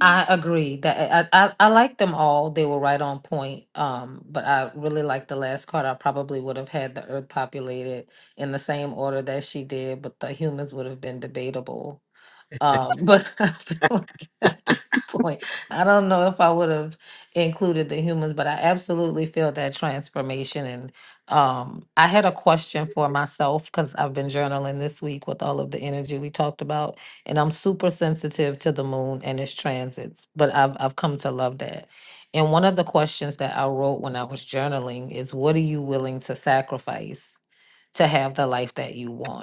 I agree that I, I, I like them all. They were right on point. Um, but I really like the last card. I probably would have had the earth populated in the same order that she did, but the humans would have been debatable. Uh, but I feel like at this point, I don't know if I would have included the humans, but I absolutely feel that transformation. And um, I had a question for myself because I've been journaling this week with all of the energy we talked about, and I'm super sensitive to the moon and its transits. But I've I've come to love that. And one of the questions that I wrote when I was journaling is, "What are you willing to sacrifice to have the life that you want?"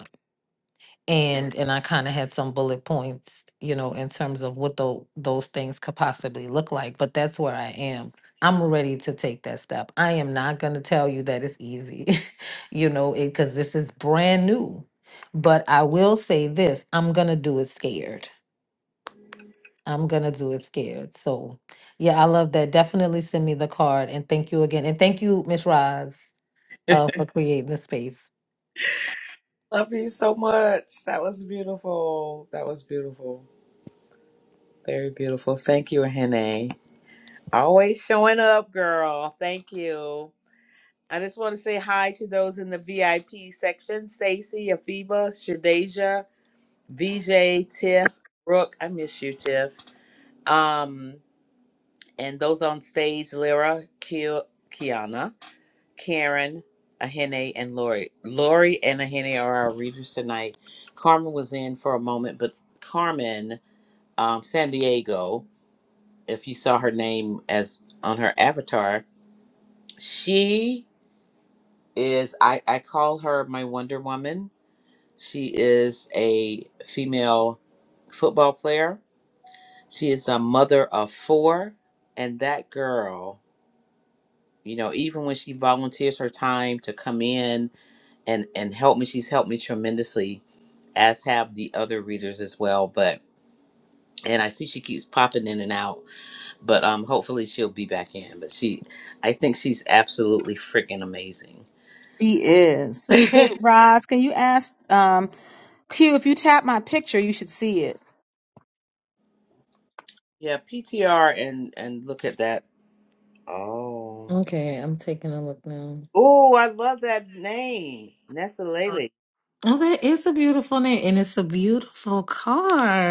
and and I kind of had some bullet points, you know, in terms of what tho- those things could possibly look like. But that's where I am. I'm ready to take that step. I am not going to tell you that it's easy, you know, because this is brand new. But I will say this: I'm going to do it scared. I'm going to do it scared. So, yeah, I love that. Definitely send me the card, and thank you again, and thank you, Miss Roz, uh, for creating the space. Love you so much. That was beautiful. That was beautiful. Very beautiful. Thank you, Hene. Always showing up, girl. Thank you. I just want to say hi to those in the VIP section Stacy, Afiba, Shadeja, VJ, Tiff, Brooke, I miss you, Tiff. Um, and those on stage, Lyra, Ke- Kiana, Karen, Ahene, and Lori. Lori and Ahene are our readers tonight. Carmen was in for a moment, but Carmen, um, San Diego, if you saw her name as on her avatar, she is I, I call her my Wonder Woman. She is a female football player She is a mother of four, and that girl, you know, even when she volunteers her time to come in and and help me, she's helped me tremendously, as have the other readers as well. But and I see she keeps popping in and out, but um, hopefully she'll be back in. But she, I think she's absolutely freaking amazing. She is. yeah, Hey, Roz, can you ask? um, Q, if you tap my picture, you should see it. PTR and and look at that. Oh, Okay, I'm taking a look now. oh, I love that name, Nessa Oh, that is a beautiful name, and it's a beautiful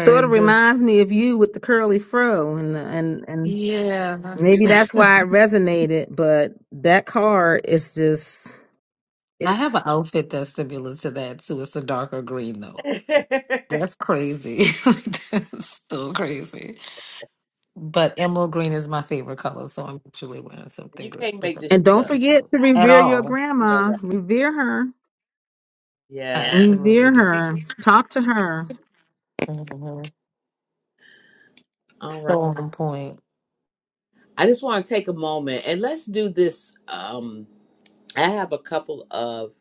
Sort of reminds me of you with the curly fro, and and and Yeah. maybe that's Beautiful. why it resonated. But that card is just I it's. have an outfit that's similar to that too. It's a darker green though. That's crazy. That's so crazy. But emerald green is my favorite color, so I'm actually wearing something You green. can't But make this And that's shit don't up. forget beautiful. to At revere your all. You know grandma. that. Revere her. I Yeah. absolutely Revere do. her. Talk to her. Mhm. All right. So on point. I just want to take a moment and let's do this. Um, I have a couple of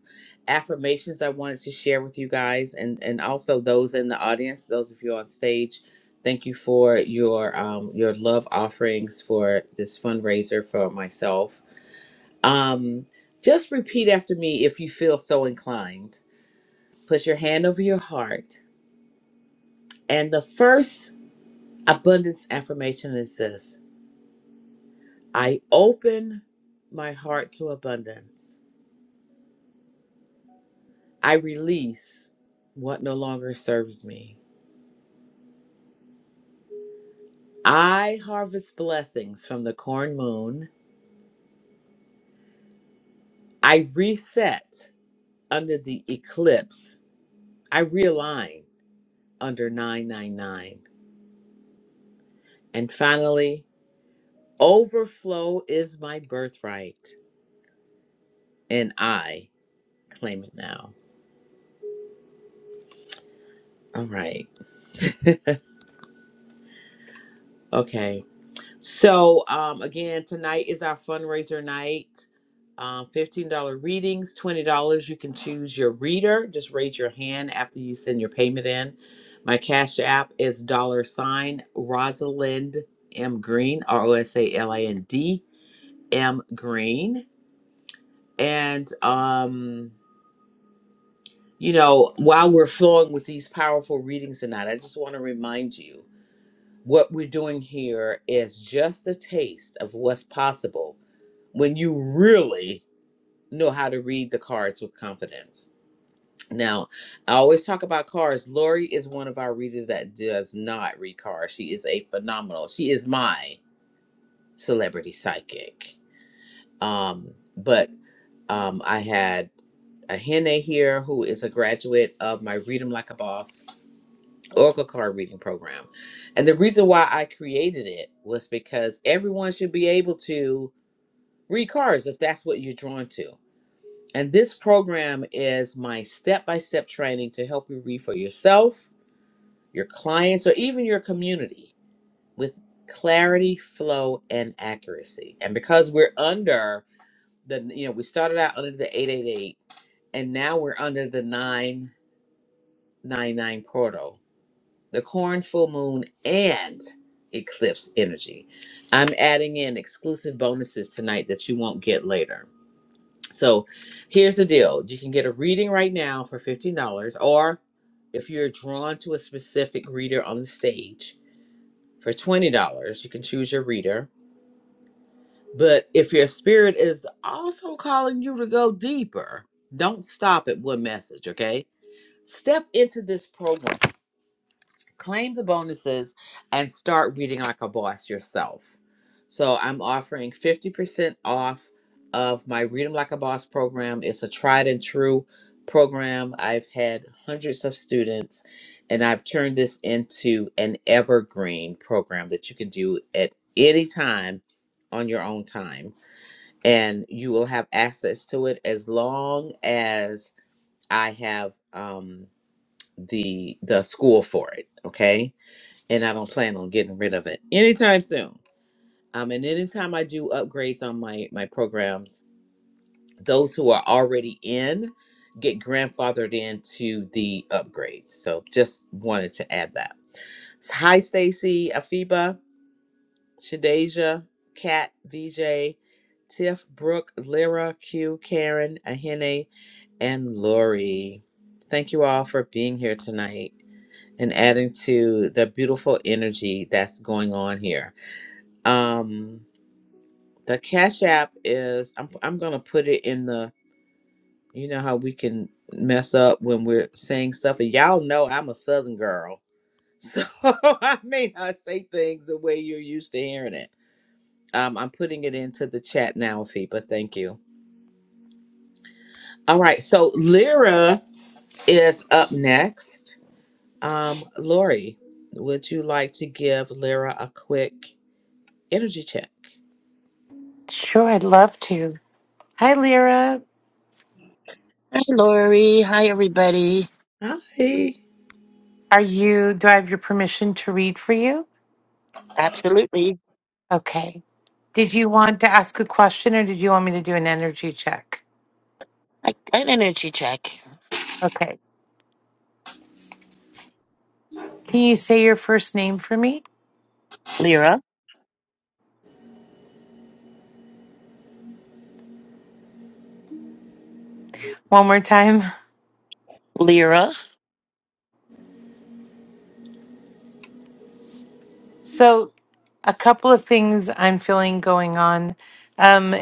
affirmations I wanted to share with you guys and, and also those in the audience, those of you on stage. Thank you for your um, your love offerings for this fundraiser for myself. Um, just repeat after me if you feel so inclined. Put your hand over your heart. And the first abundance affirmation is this I open my heart to abundance. I release what no longer serves me. I harvest blessings from the corn moon. I reset under the eclipse. I realign under 999. And finally, overflow is my birthright, and I claim it now. All right. Okay. So um, again, tonight is our fundraiser night. Um, $15 readings, $20. You can choose your reader. Just raise your hand after you send your payment in. My cash app is dollar sign Rosalind M. Green, R O S A L I N D M. Green. And, um, you know, while we're flowing with these powerful readings tonight, I just want to remind you What we're doing here is just a taste of what's possible when you really know how to read the cards with confidence. Now, I always talk about cards. Lori is one of our readers that does not read cards. She is a phenomenal. She is my celebrity psychic. Um, but um, I had a Hene here who is a graduate of my Read 'em Like a Boss Oracle card reading program. And the reason why I created it was because everyone should be able to read cards if that's what you're drawn to. And this program is my step by step training to help you read for yourself, your clients, or even your community with clarity, flow, and accuracy. And because we're under the, you know, we started out under the 888 and now we're under the 999 portal the corn full moon and eclipse energy i'm adding in exclusive bonuses tonight that you won't get later so here's the deal you can get a reading right now for $15 or if you're drawn to a specific reader on the stage for $20 you can choose your reader but if your spirit is also calling you to go deeper don't stop at one message okay step into this program claim the bonuses and start reading like a boss yourself. So I'm offering 50% off of my Read 'em Like a Boss program. It's a tried and true program. I've had hundreds of students and I've turned this into an evergreen program that you can do at any time on your own time and you will have access to it as long as I have um the the school for it, okay? and I don't plan on getting rid of it anytime soon. Um, and anytime I do upgrades on my my programs, those who are already in get grandfathered into the upgrades. So just wanted to add that. Hi, Stacy, Afiba, Shadeja, Kat, VJ, Tiff, Brooke, Lyra, Q, Karen, Ahene, and Lori. Thank you all for being here tonight and adding to the beautiful energy that's going on here. Um, the Cash App is I'm I'm gonna put it in the you know how we can mess up when we're saying stuff and y'all know I'm a Southern girl, so I may not say things the way you're used to hearing it. Um, I'm putting it into the chat now, Fipa. Thank you. All right, so Lyra is up next. Um, Lori, would you like to give Lyra a quick energy check? Sure, I'd love to. Hi, Lyra. Hi, Lori. Hi, everybody. Hi, Are you, do I have your permission to read for you? Absolutely. Okay. Did you want to ask a question or did you want me to do an energy check? I, an energy check. Okay. Can you say your first name for me Lyra. one more time? Lyra. So, a couple of things I'm feeling going on. Um,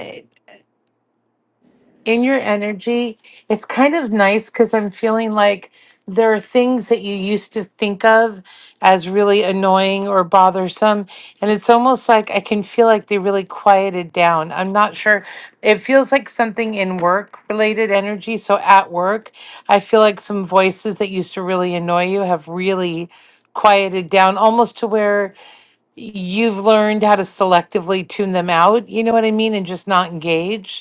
in your energy, it's kind of nice because I'm feeling like there are things that you used to think of as really annoying or bothersome. And it's almost like I can feel like they really quieted down. I'm not sure. It feels like something in work related energy. So at work, I feel like some voices that used to really annoy you have really quieted down almost to where you've learned how to selectively tune them out. You know what I mean? And just not engage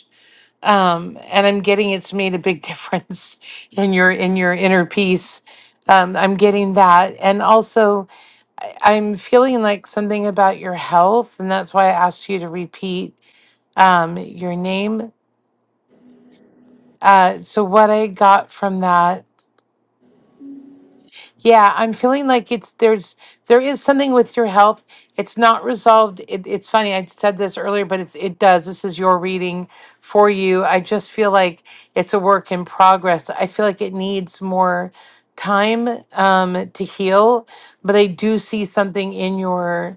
um, and I'm getting it's made a big difference in your in your inner peace. Um, I'm getting that, and also I, I'm feeling like something about your health, and that's why I asked you to repeat um, your name. Uh, so what I got from that Yeah, I'm feeling like it's there's there is something with your health. It's not resolved. It, it's funny. I said this earlier, but it, it does. This is your reading for you. I just feel like it's a work in progress. I feel like it needs more time um, to heal, but I do see something in your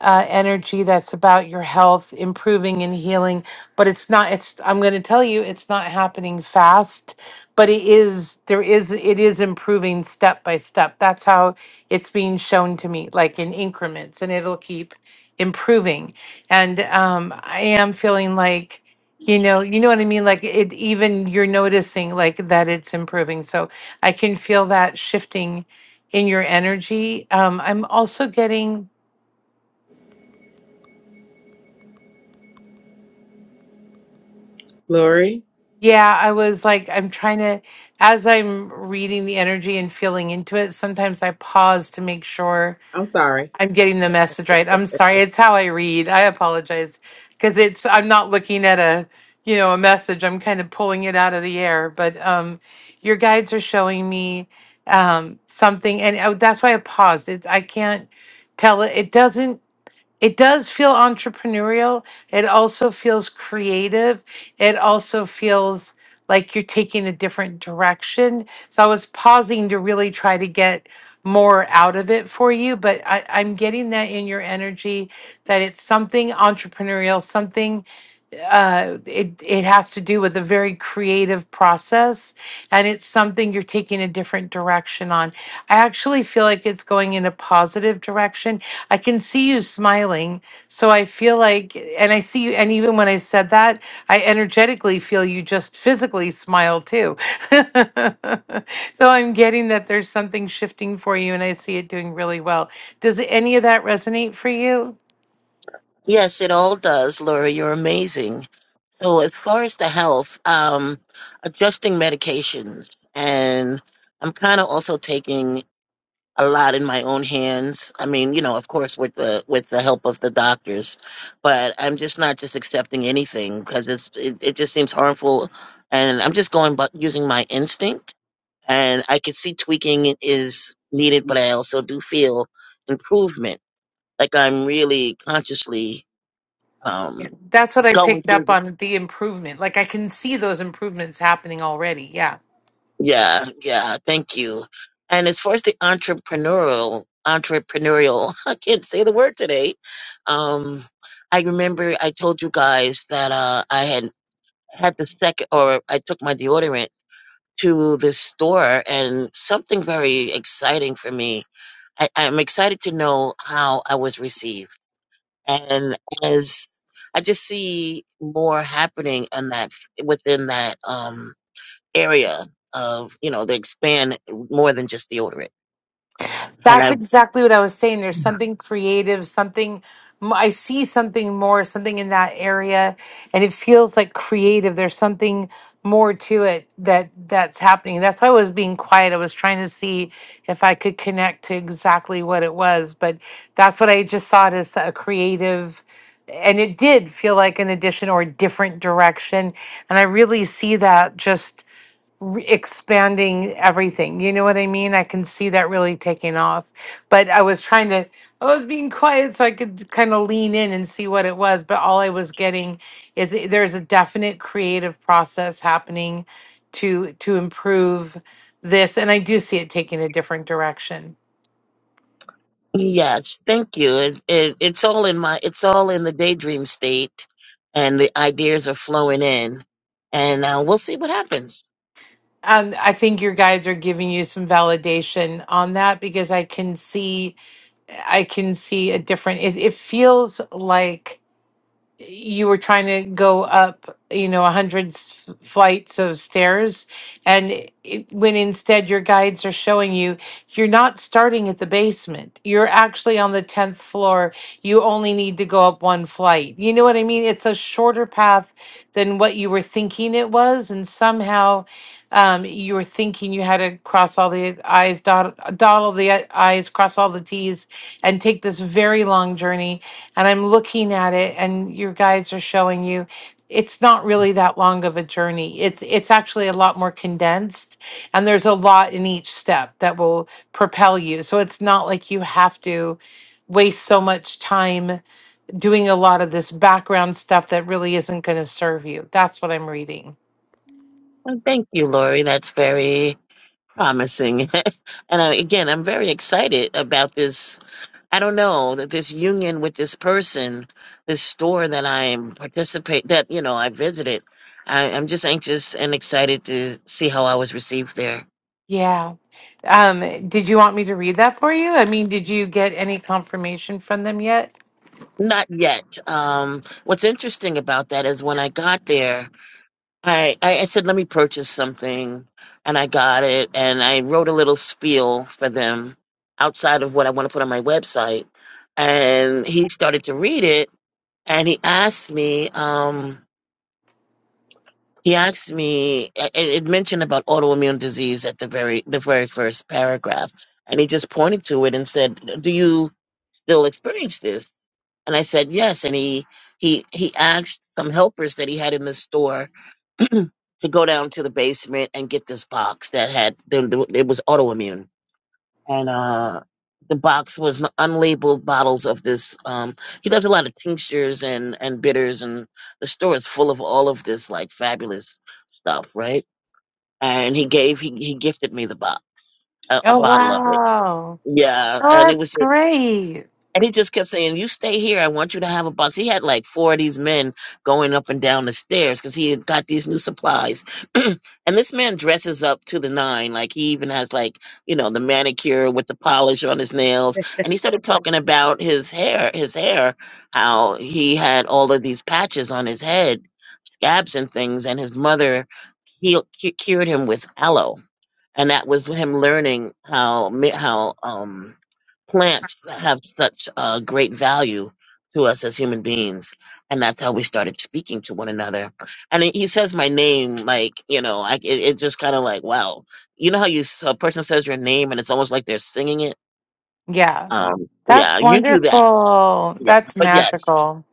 uh, energy that's about your health improving and healing but it's not it's i'm going to tell you it's not happening fast but it is there is it is improving step by step that's how it's being shown to me like in increments and it'll keep improving and um i am feeling like you know you know what i mean like it even you're noticing like that it's improving so i can feel that shifting in your energy um i'm also getting Lori. Yeah, I was like, I'm trying to, as I'm reading the energy and feeling into it, sometimes I pause to make sure I'm sorry. I'm getting the message right. I'm sorry, it's how I read. I apologize because it's, I'm not looking at a, you know, a message. I'm kind of pulling it out of the air. But um, your guides are showing me um, something, and uh, that's why I paused. It, I can't tell it. It doesn't. It does feel entrepreneurial. It also feels creative. It also feels like you're taking a different direction. So I was pausing to really try to get more out of it for you, but I, I'm getting that in your energy that it's something entrepreneurial, something uh, it it has to do with a very creative process, and it's something you're taking a different direction on. I actually feel like it's going in a positive direction. I can see you smiling, so I feel like, and I see you, and even when I said that, I energetically feel you just physically smile too. so I'm getting that there's something shifting for you, and I see it doing really well. Does any of that resonate for you? Yes, it all does, Lori. You're amazing. So, as far as the health, um, adjusting medications, and I'm kind of also taking a lot in my own hands. I mean, you know, of course, with the with the help of the doctors, but I'm just not just accepting anything because it's it, it just seems harmful, and I'm just going but using my instinct and I could see tweaking is needed, but I also do feel improvement. Like I'm really consciously Yeah, um that's what I going picked through. up The, on the improvement. Like I can see those improvements happening already. Yeah. yeah, yeah. Thank you. And as far as the entrepreneurial, entrepreneurial, I can't say the word today. Um, I remember I told you guys that uh I had had the second, or I took my deodorant to this store, and something very exciting for me. I, I'm excited to know how I was received and as I just see more happening in that within that um area of you know they expand more than just deodorant. And That's I exactly what I was saying. There's something creative, something m- I see something more, something in that area, and it feels like creative. There's something more to it that that's happening. That's why I was being quiet. I was trying to see if I could connect to exactly what it was, but that's what I just saw it as a creative and it did feel like an addition or a different direction. And I really see that re- expanding everything. You know what I mean? I can see that really taking off. But I was trying to, I was being quiet so I could kind of lean in and see what it was. But all I was getting is that there's a definite creative process happening to to improve this, and I do see it taking a different direction. yes, thank you. It, it, it's all in my it's all in the daydream state, and the ideas are flowing in, and uh, we'll see what happens. Um, I think your guides are giving you some validation on that because I can see, I can see a different. It, it feels like you were trying to go up, you know, a hundred s- flights of stairs, and it, when instead your guides are showing you you're not starting at the basement. You're actually on the tenth floor. You only need to go up one flight. You know what I mean? It's a shorter path than what you were thinking it was, and somehow um, you were thinking you had to cross all the I's, dot, dot all the I's, cross all the T's, and take this very long journey and I'm looking at it and your guides are showing you it's not really that long of a journey. It's it's actually a lot more condensed and there's a lot in each step that will propel you. So it's not like you have to waste so much time doing a lot of this background stuff that really isn't going to serve you. That's what I'm reading. Well, thank you, Lori. That's very promising, and I, again, I'm very excited about this I don't know that this union with this person, this store that I'm participate that you know I visited. I, I'm just anxious and excited to see how I was received there. Yeah. Um did you want me to read that for you? I mean, did you get any confirmation from them yet? Not yet. Um, what's interesting about that is when I got there, I, I, I said, let me purchase something. And I got it. And I wrote a little spiel for them outside of what I want to put on my website. And he started to read it. And he asked me, um, He asked me. It, it mentioned about autoimmune disease at the very the very first paragraph, and he just pointed to it and said, "Do you still experience this?" And I said, "Yes." And he he he asked some helpers that he had in the store to go down to the basement and get this box that had the, it was autoimmune, and uh, the box was unlabeled bottles of this. Um, he does a lot of tinctures and and bitters, and the store is full of all of this like fabulous stuff, right? and he gave he he gifted me the bo- a, a Oh, Oh. bottle of it. wow. Yeah, Oh, and it that's was just, great. and he just kept saying, "You stay here. I want you to have a box." He had like four of these men going up and down the stairs because he had got these new supplies. and this man dresses up to the nine, like he even has like you know the manicure with the polish on his nails. And he started talking about his hair, his hair, how he had all of these patches on his head, scabs and things, and his mother healed, cu- cured him with aloe and that was him learning how mi- how um, plants have such uh, great value to us as human beings, and that's how we started speaking to one another. And he he says my name, like you know, I, it, it just kind of like wow, you know how you s- a person says your name and it's almost like they're singing it. Yeah, Um, that's yeah, you do that. wonderful. Yeah, That's but yes. magical.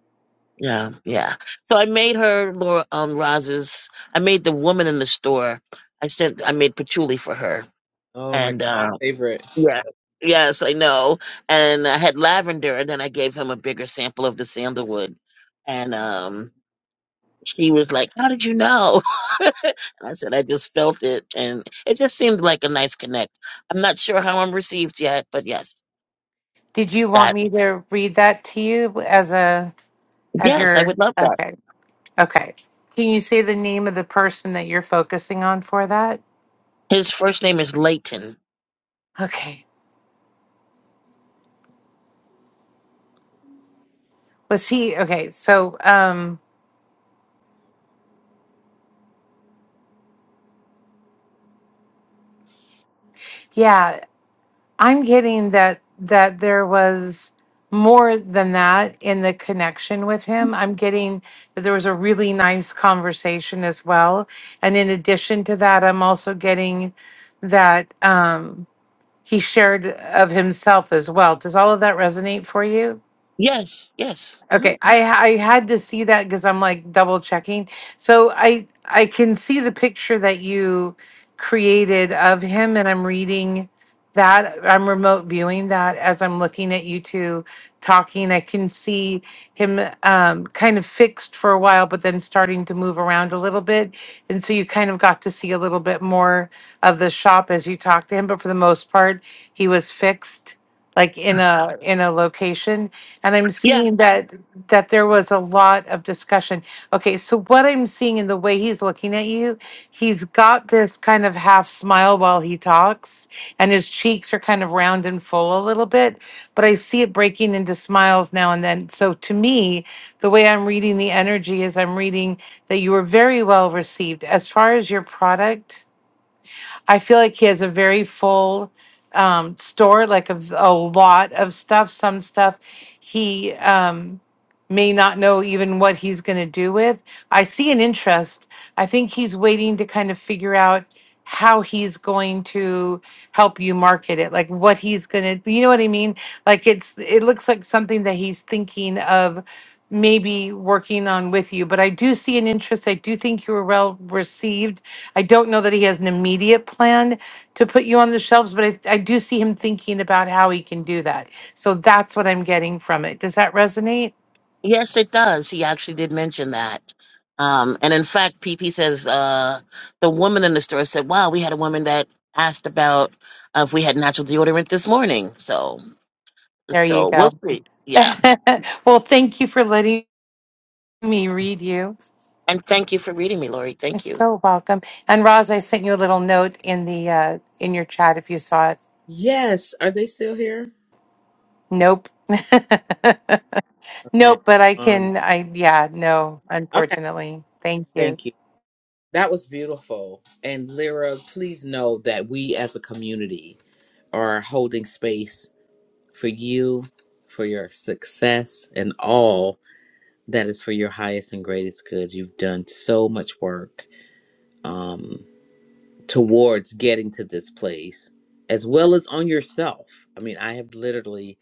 Yeah, yeah. So I made her Laura um Roz's I made the woman in the store. I sent I made patchouli for her. Oh my And uh, favorite. Yeah. Yes, I know. And I had lavender, and then I gave him a bigger sample of the sandalwood. And um, she was like, How did you know? and I said, I just felt it. And it just seemed like a nice connect. I'm not sure how I'm received yet, but yes, Did you want that, me to read that to you as a as yes, I your would love that. okay. Okay. Can you say the name of the person that you're focusing on for that? His first name is Leighton. Okay. Was he okay, so um yeah, I'm getting that that there was more than that in the connection with him. I'm getting that there was a really nice conversation as well. And in addition to that, I'm also getting that um he shared of himself as well. Does all of that resonate for you? Yes, yes. Okay, hmm I I had to see that because I'm like double checking. So I I can see the picture that you created of him, and I'm reading that. I'm remote viewing that as I'm looking at you two talking. I can see him um, kind of fixed for a while, but then starting to move around a little bit, and so you kind of got to see a little bit more of the shop as you talked to him. But for the most part, he was fixed like in a in a location and i'm seeing that that there was a lot of discussion okay so what i'm seeing in the way he's looking at you he's got this kind of half smile while he talks and his cheeks are kind of round and full a little bit but i see it breaking into smiles now and then so to me the way i'm reading the energy is i'm reading that you were very well received as far as your product I feel like he has a very full um, store, like of a lot of stuff. Some stuff he um, may not know even what he's going to do with. I see an interest. I think he's waiting to kind of figure out how he's going to help you market it like what he's going to you know what i mean like it's it looks like something that he's thinking of maybe working on with you but i do see an interest i do think you were well received I don't know that he has an immediate plan to put you on the shelves, but I, I do see him thinking about how he can do that. So that's what I'm getting from it. Does that resonate? Yes, it does. He actually did mention that. Um, and in fact, PP says uh, the woman in the store said, "Wow, we had a woman that asked about uh, if we had natural deodorant this morning." So, There you so we'll go. see. Yeah. well, thank you for letting me read you. And thank you for reading me, Lori. You're Thank you. so welcome. And Roz, I sent you a little note in the uh, in your chat if you saw it. Yes. Are they still here? Nope. Okay. nope, but I Um can I yeah, no, okay, unfortunately. Thank you. thank you. That was beautiful. And Lyra, please know that we as a community are holding space for you, for your success and all that is for your highest and greatest good. You've done so much work. Um towards getting to this place as well as on yourself. I mean, I have literally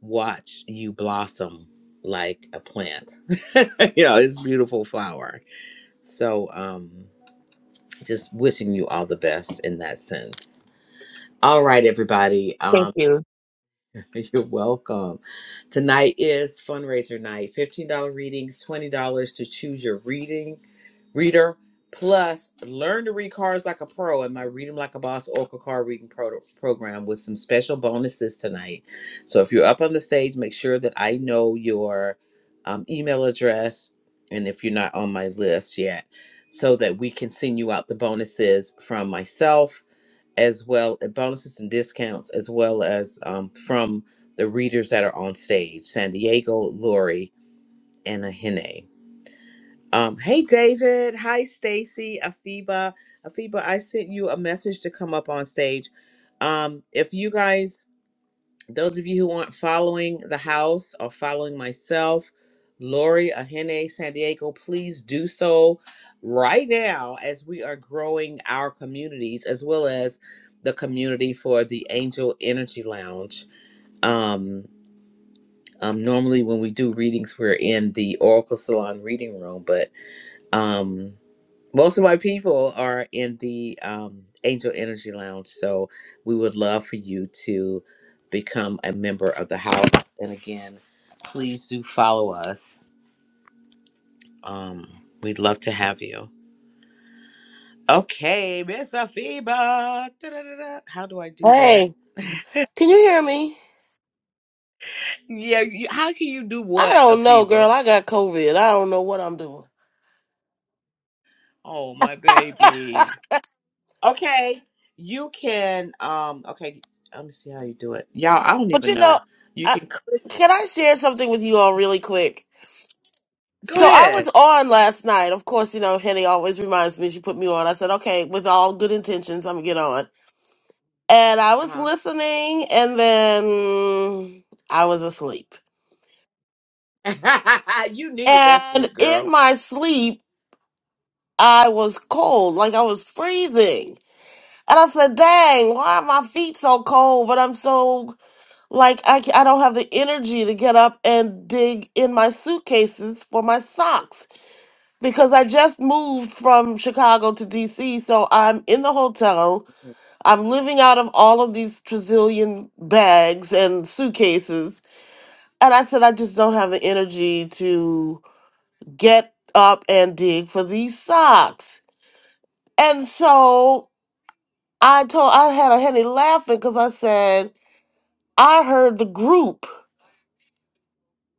watched you blossom like a plant. you know, it's a beautiful flower. So, um just wishing you all the best in that sense. All right, everybody. Thank Um you. you're welcome. Tonight is fundraiser night. $15 readings, $20 to choose your reading. Reader Plus, learn to read cards like a pro in my Read 'em Like a Boss Oracle Card Reading pro- Program with some special bonuses tonight. So if you're up on the stage, make sure that I know your um, email address and if you're not on my list yet, so that we can send you out the bonuses from myself as well as bonuses and discounts as well as um, from the readers that are on stage san diego lori and ahene um, hey David, hi Stacy, Afiba. Afiba, I sent you a message to come up on stage. Um, if you guys, those of you who aren't following the house or following myself, Lori Ahene San Diego, please do so right now as we are growing our communities as well as the community for the Angel Energy Lounge. Um, um, normally when we do readings, we're in the Oracle Salon reading room, but um most of my people are in the um, Angel Energy Lounge, so we would love for you to become a member of the house. And again, please do follow us. Um, we'd love to have you. Okay, Miss Afiba. Da-da-da-da. How do I do that? Hey, can you hear me? yeah, you, how can you do I what, don't know, Afiba? girl. I got COVID. I don't know what I'm doing. Oh, my baby. Okay, you can. Um, okay, let me see how you do it, y'all. I don't but even you know, know. You I, can. can I share something with you all really quick? Go So I ahead. was on last night. Of course, you know, Henny always reminds me she put me on. I said, okay, with all good intentions, I'm gonna get on. And I was Uh listening, and then I was asleep. huh. you needed that And sleep, in girl. my sleep, I was cold, like I was freezing. And I said, dang, why are my feet so cold? But I'm so Like I, c- I don't have the energy to get up and dig in my suitcases for my socks because I just moved from Chicago to DC. So I'm in the hotel. I'm living out of all of these trazillion bags and suitcases. And I said, I just don't have the energy to get up and dig for these socks. And so I told, I had a Henny laughing because I said, I heard the group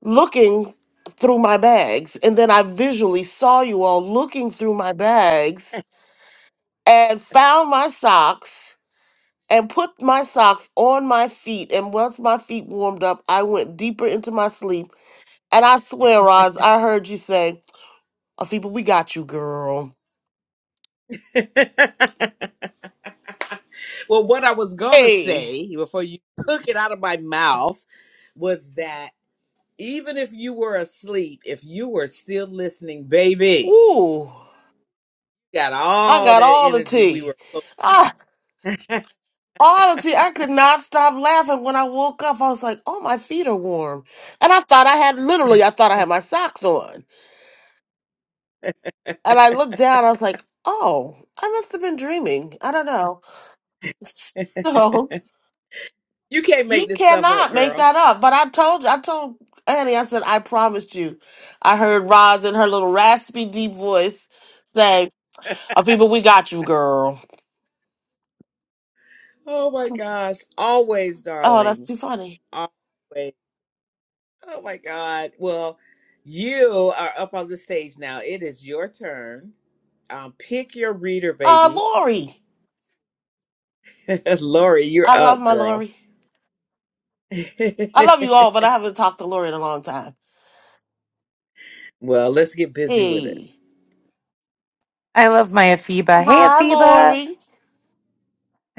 looking through my bags. And then I visually saw you all looking through my bags and found my socks and put my socks on my feet. And once my feet warmed up, I went deeper into my sleep. And I swear, Roz, I heard you say, Afiba, we got you, girl. well, what I was gonna Hey, say before you took it out of my mouth was that even if you were asleep, if you were still listening, baby, ooh, you got I all got that all the energy we tea. were. Ah, all the tea. I could not stop laughing when I woke up. I was like, oh, my feet are warm. And I thought I had literally, I thought I had my socks on. And I looked down, I was like, oh, I must have been dreaming. I don't know. So you can't make you this stuff up, cannot make girl. that up. But I told you, I told Annie, I said, I promised you. I heard Roz in her little raspy, deep voice say, Afiba, we got you, girl. Oh my gosh. Always, Oh, that's darling. too funny. Always. Oh my God. Well, you are up on the stage now. It is your turn. Um, pick your reader, Uh, baby. Lori. Lori, you're I love up, my girl. Lori. I love you all, but I haven't talked to Lori in a long time. well, let's get busy with Hey. I love my Afiba. Hey Hi, Afiba. Lori.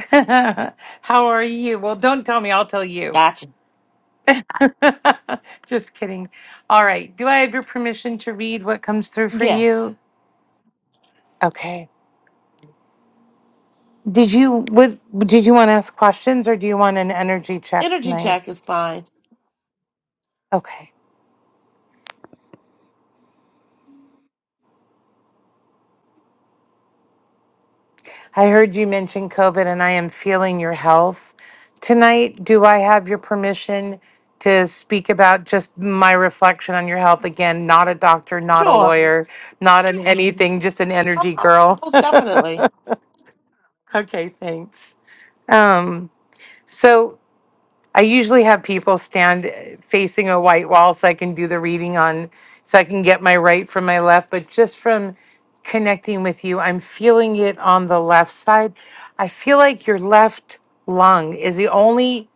How are you? Well, don't tell me, I'll tell you. Gotcha. Just kidding. All right. Do I have your permission to read what comes through for Yes. you? Okay. Did you what did you want to ask questions or do you want an energy check Energy tonight? check is fine. Okay. I heard you mention COVID and I am feeling your health tonight. Do I have your permission to speak about just my reflection on your health again? Not a doctor, not a Sure. lawyer, not an Mhm. anything, just an energy Uh, girl. most definitely. okay, thanks. Um, so I usually have people stand facing a white wall so I can do the reading on, so I can get my right from my left. But just from connecting with you, I'm feeling it on the left side. I feel like your left lung is the only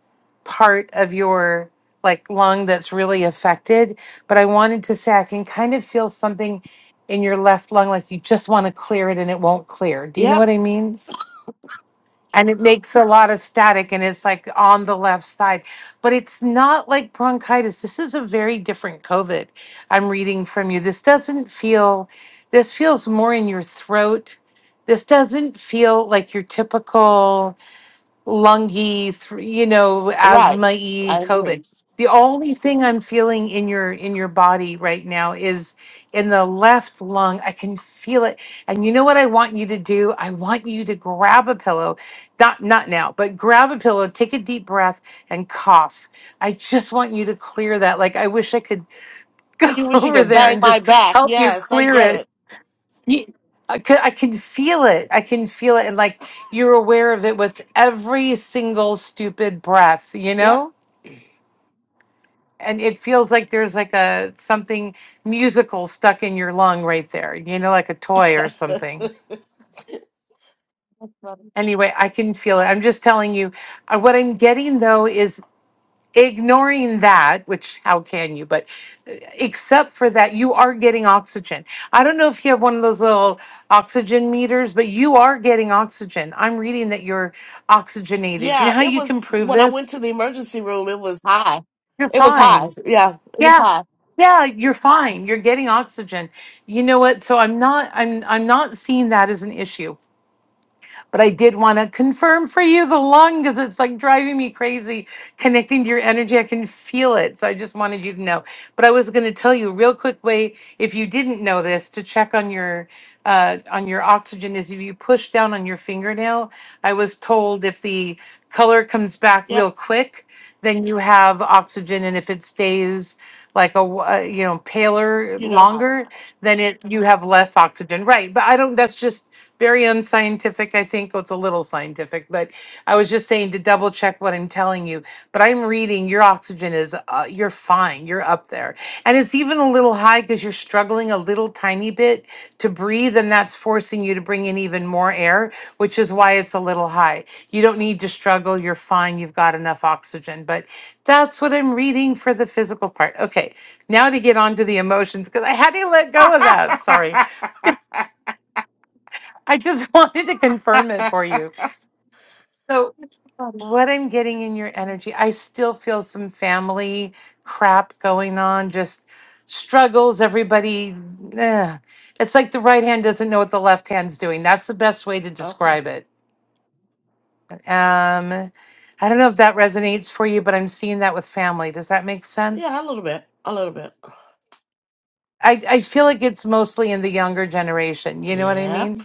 part of your like lung that's really affected. But I wanted to say I can kind of feel something in your left lung, like you just want to clear it and it won't clear. Do you know Yep. what I mean? and it makes a lot of static and it's like on the left side but it's not like bronchitis this is a very different covid i'm reading from you this doesn't feel this feels more in your throat this doesn't feel like your typical lungy, thr- you know, Right. asthma y I agree. COVID. The only thing I'm feeling in your in your body right now is in the left lung. I can feel it. And you know what I want you to do? I want you to grab a pillow. Not not now, but grab a pillow, take a deep breath and cough. I just want you to clear that. Like I wish I could go You wish you over could there bang and my just back. help you Yes, I clear get it it. you, I can. I can feel it. I can feel it, and like you're aware of it with every single stupid breath, you Yep. know. And it feels like there's like a something musical stuck in your lung right there, you know, like a toy or something. Anyway, I can feel it. I'm just telling you. uh, What I'm getting though is ignoring that, which how can you? But uh, except for that, you are getting oxygen. I don't know if you have one of those little oxygen meters, but you are getting oxygen. I'm reading that you're oxygenated. You know yeah, how it you can was prove when I went this? to the emergency room, it was high. You're It was high. fine. Yeah, it was Yeah. high. Yeah, you're fine. You're getting oxygen. You know what? So I'm not I'm I'm not seeing that as an issue. But I did want to confirm for you the lung because it's like driving me crazy connecting to your energy. I can feel it. So I just wanted you to know. But I was going to tell you a real quick way, if you didn't know this, to check on your uh, on your oxygen is if you push down on your fingernail. I was told if the color comes back Yep. real quick, then you have oxygen, and if it stays like a wh- uh, you know paler You know. not longer, then it you have less oxygen. Right, but I don't. That's just very unscientific. I think well, it's a little scientific, but I was just saying to double check what I'm telling you. But I'm reading your oxygen is uh, you're fine. You're up there, and it's even a little high because you're struggling a little tiny bit to breathe, and that's forcing you to bring in even more air, which is why it's a little high. You don't need to struggle. You're fine. You've got enough oxygen. But that's what I'm reading for the physical part. Okay, now to get on to the emotions because I had to let go of that. Sorry. I just wanted to confirm it for you. So, Funny. what I'm getting in your energy, I still feel some family crap going on, just struggles. Everybody, eh. it's like the right hand doesn't know what the left hand's doing. That's the best way to okay. describe it. Um, I don't know if that resonates for you, but I'm seeing that with family. Does that make Yeah, a sense? little bit. A little bit. I, I feel like it's mostly in the younger generation. You know what I Yep. mean?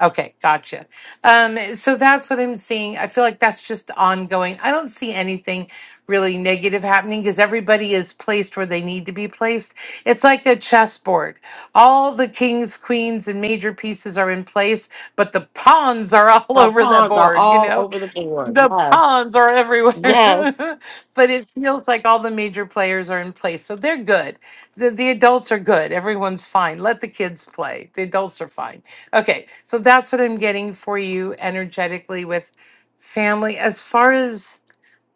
Okay, gotcha. Um, so that's what I'm seeing. I feel like that's just ongoing. I don't see anything really negative happening because everybody is placed where they need to be placed. It's like a chessboard. All the kings, queens, and major pieces are in place, but the pawns are all Now over the pawns are board, you all know? over the board. the Yes. prawns are everywhere, Yes. but it feels like all the major players are in place, so they're good. The, the adults are good. Everyone's fine. Let the kids play. The adults are fine. Okay, so that's what I'm getting for you energetically with family. As far as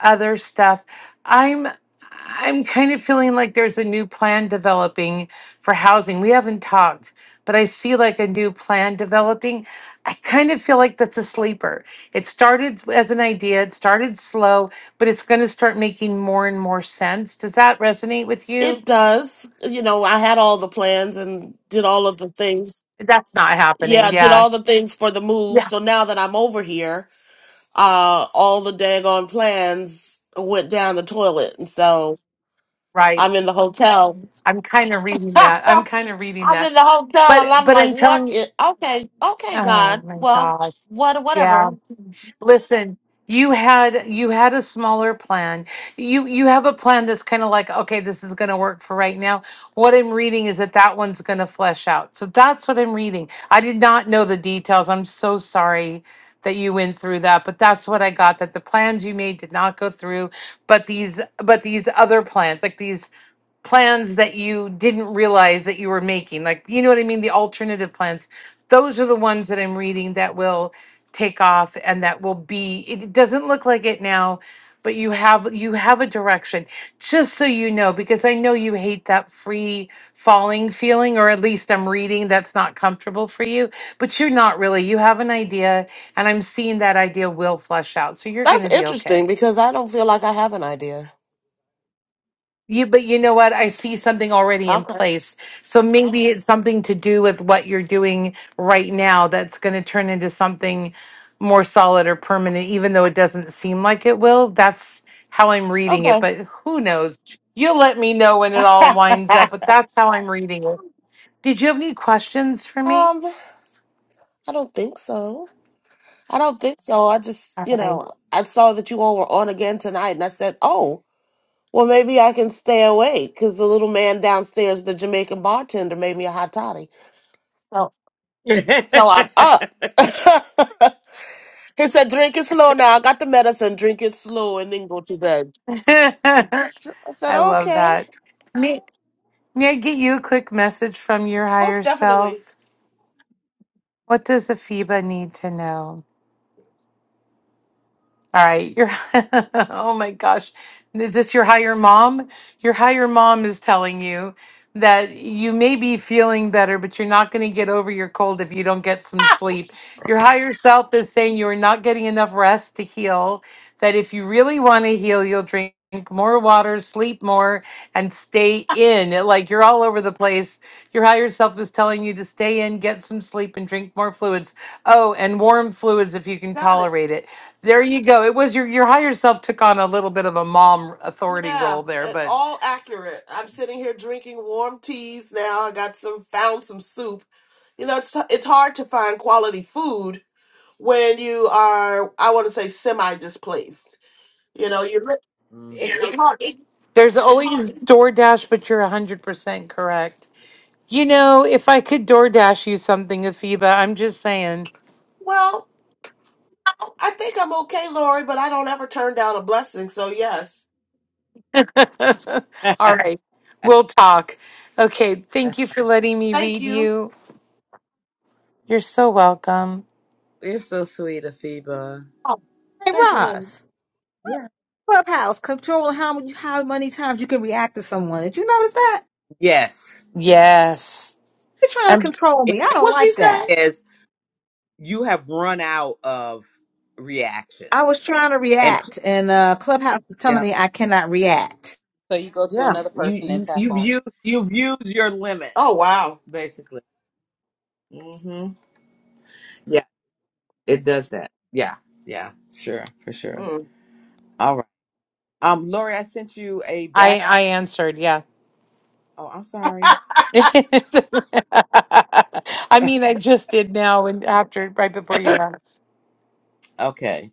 other stuff. I'm I'm kind of feeling like there's a new plan developing for housing. We haven't talked, but I see like a new plan developing. I kind of feel like that's a sleeper. It started as an idea, it started slow, but it's going to start making more and more sense. Does that resonate with It you? does. You know, I had all the plans and did all of the things. That's not happening. Yeah, did Yeah. all the things for the move. Yeah. So now that I'm over here, uh, all the daggone plans went down the toilet. And so Right. I'm in the hotel. I'm kind of reading that. I'm kind of reading I'm that. in the hotel and But I'm but like, I'm what telling you, is, okay, okay, oh God. my Well, gosh. what, Yeah. whatever. Listen, you had you had a smaller plan. You you have a plan that's kind of like, okay, this is going to work for right now. What I'm reading is that that one's going to flesh out. So that's what I'm reading. I did not know the details. I'm so sorry that you went through that, but that's what I got that the plans you made did not go through, but these but these other plans, like these plans that you didn't realize that you were making like you know what i mean the alternative plans those are the ones that i'm reading that will take off and that will be it doesn't look like it now but you have you have a direction just so you know because i know you hate that free falling feeling or at least i'm reading that's not comfortable for you but you're not really you have an idea and i'm seeing that idea will flush out so you're going That's to be interesting okay because I don't feel like I have an idea. You, but you know what? I see something already in Okay. place. So maybe it's something to do with what you're doing right now that's going to turn into something more solid or permanent, even though it doesn't seem like it will. That's how I'm reading Okay. it, but who knows? You'll let me know when it all winds um, up, but that's how I'm reading it. Did you have any questions for me? I don't think so. I don't think so. I just, All you right. know, I saw that you all were on again tonight, and I said, oh, well, maybe I can stay awake because the little man downstairs, the Jamaican bartender, made me a hot toddy. So, it. so I'm up. he said, drink it slow now. I got the medicine. Drink it slow and then go to bed. I s- I said, I love okay, that. May, may I get you a quick message from your most higher definitely. self? What does Afiba need to know? All right, your oh my gosh, is this your higher mom? Your higher mom is telling you that you may be feeling better, but you're not going to get over your cold if you don't get some sleep. Your higher self is saying you are not getting enough rest to heal. That if you really want to heal, you'll drink more water, sleep more, and stay in. Like you're all over the place. Your higher self is telling you to stay in, get some sleep, and drink more fluids Oh, and warm fluids if you can got it. tolerate it. There you go. It was your your higher self took on a little bit of a mom authority Yeah, role there, uh, but all accurate. I'm sitting here drinking warm teas now. I got some found some soup. You know, it's it's hard to find quality food when you are I want to say semi displaced. You know, you're li- Mm. it's hard. It- there's always DoorDash, but you're 100% correct. You know, if I could DoorDash you something, Afiba, I'm just saying. well, I think I'm okay, Lori, but I don't ever turn down a blessing. So yes, All right. We'll talk. Okay, thank you for letting me thank read you. you. You're so welcome. you're so sweet, Afiba. Oh, Hey, thank you, honey. Roz, Yeah. Clubhouse, control how how many times you can react to someone. Did you notice that? Yes. Yes. You're trying to And control It me. I basically don't What she like say? that. is you have run out of I was reactions. trying to And pl- react, and uh, Clubhouse is Yeah. telling me I cannot react. So you go to yeah, another you, person and you tap you've on them. used you've used your Oh limit, wow. Mm-hmm. Yeah, it does that. Yeah, yeah, sure, for sure. Mm. All right. Um, Lori, I sent you a back. I I answered. Yes. Oh, I'm sorry. I mean, I just did now, and after right before you asked, Okay.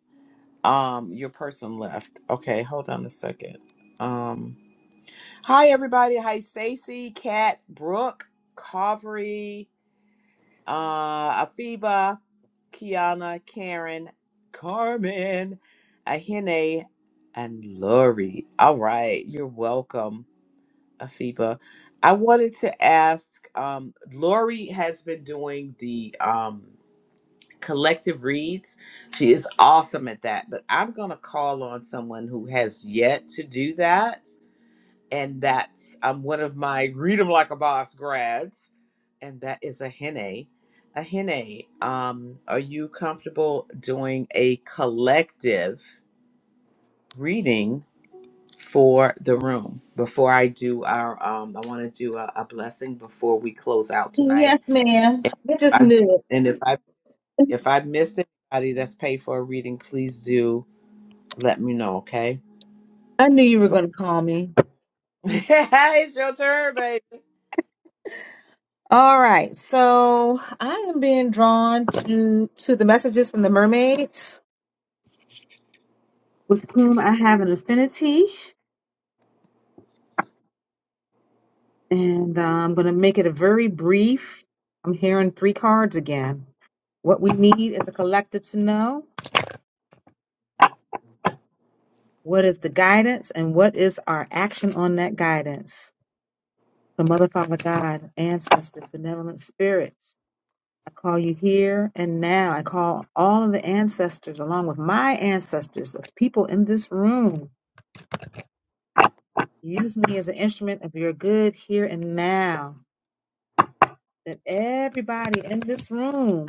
Um, your person left. Okay, hold on a second. Um, hi everybody. Hi, Stacy, Kat, Brooke, Carvery, uh, Afiba, Kiana, Karen, Carmen, Ahene, and Lori. All right, you're welcome. Afiba. I wanted to ask, um, Lori has been doing the um, collective reads. She is awesome at that, but I'm going to call on someone who has yet to do that. And that's um, one of my Read 'em Like a Boss grads, and that is a Ahene, Ahene, um, are you comfortable doing a collective reading for the room before I do our um I want to do a, a blessing before we close out tonight. Yes, ma'am. And, I just I, knew it. and if I if I miss anybody that's paid for a reading, please do let me know, okay? I knew you were Go- going to call me. it's your turn, baby. All right, so I am being drawn to to the messages from the mermaids, with whom I have an affinity. And uh, I'm going to make it a very brief. I'm hearing three cards again. What we need is a collective to know what is the guidance and what is our action on that guidance. So, Mother, Father, God, ancestors, benevolent spirits, I call you here and now. I call all of the ancestors, along with my ancestors, the people in this room. Use me as an instrument of your good here and now. That everybody in this room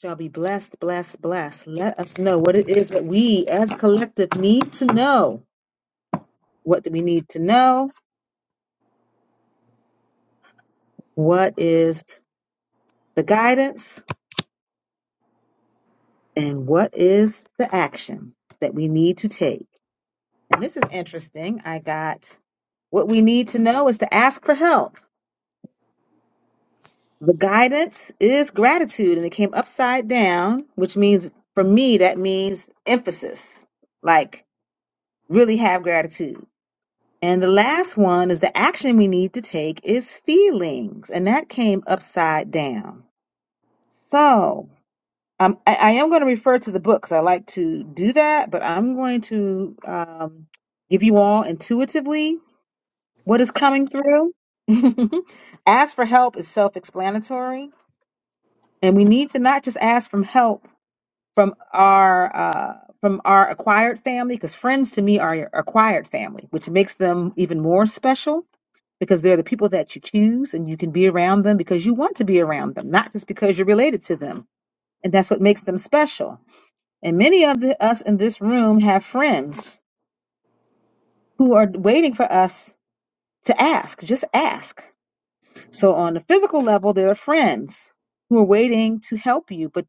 shall be blessed, blessed, blessed. Let us know what it is that we as a collective need to know. What do we need to know? What is the guidance? And what is the action that we need to take? And this is interesting. I got what we need to know is to ask for help. The guidance is gratitude, and it came upside down, which means for me, that means emphasis. Like, really have gratitude And the last one is the action we need to take is feelings. And that came upside down. So um, I, I am going to refer to the book because I like to do that, but I'm going to um, give you all intuitively what is coming through. ask for help is self explanatory. And we need to not just ask for help from our uh, from our acquired family, because friends to me are your acquired family, which makes them even more special because they're the people that you choose and you can be around them because you want to be around them, not just because you're related to them. And that's what makes them special. And many of the, us in this room have friends who are waiting for us to ask, just ask. So on the physical level, there are friends who are waiting to help you, but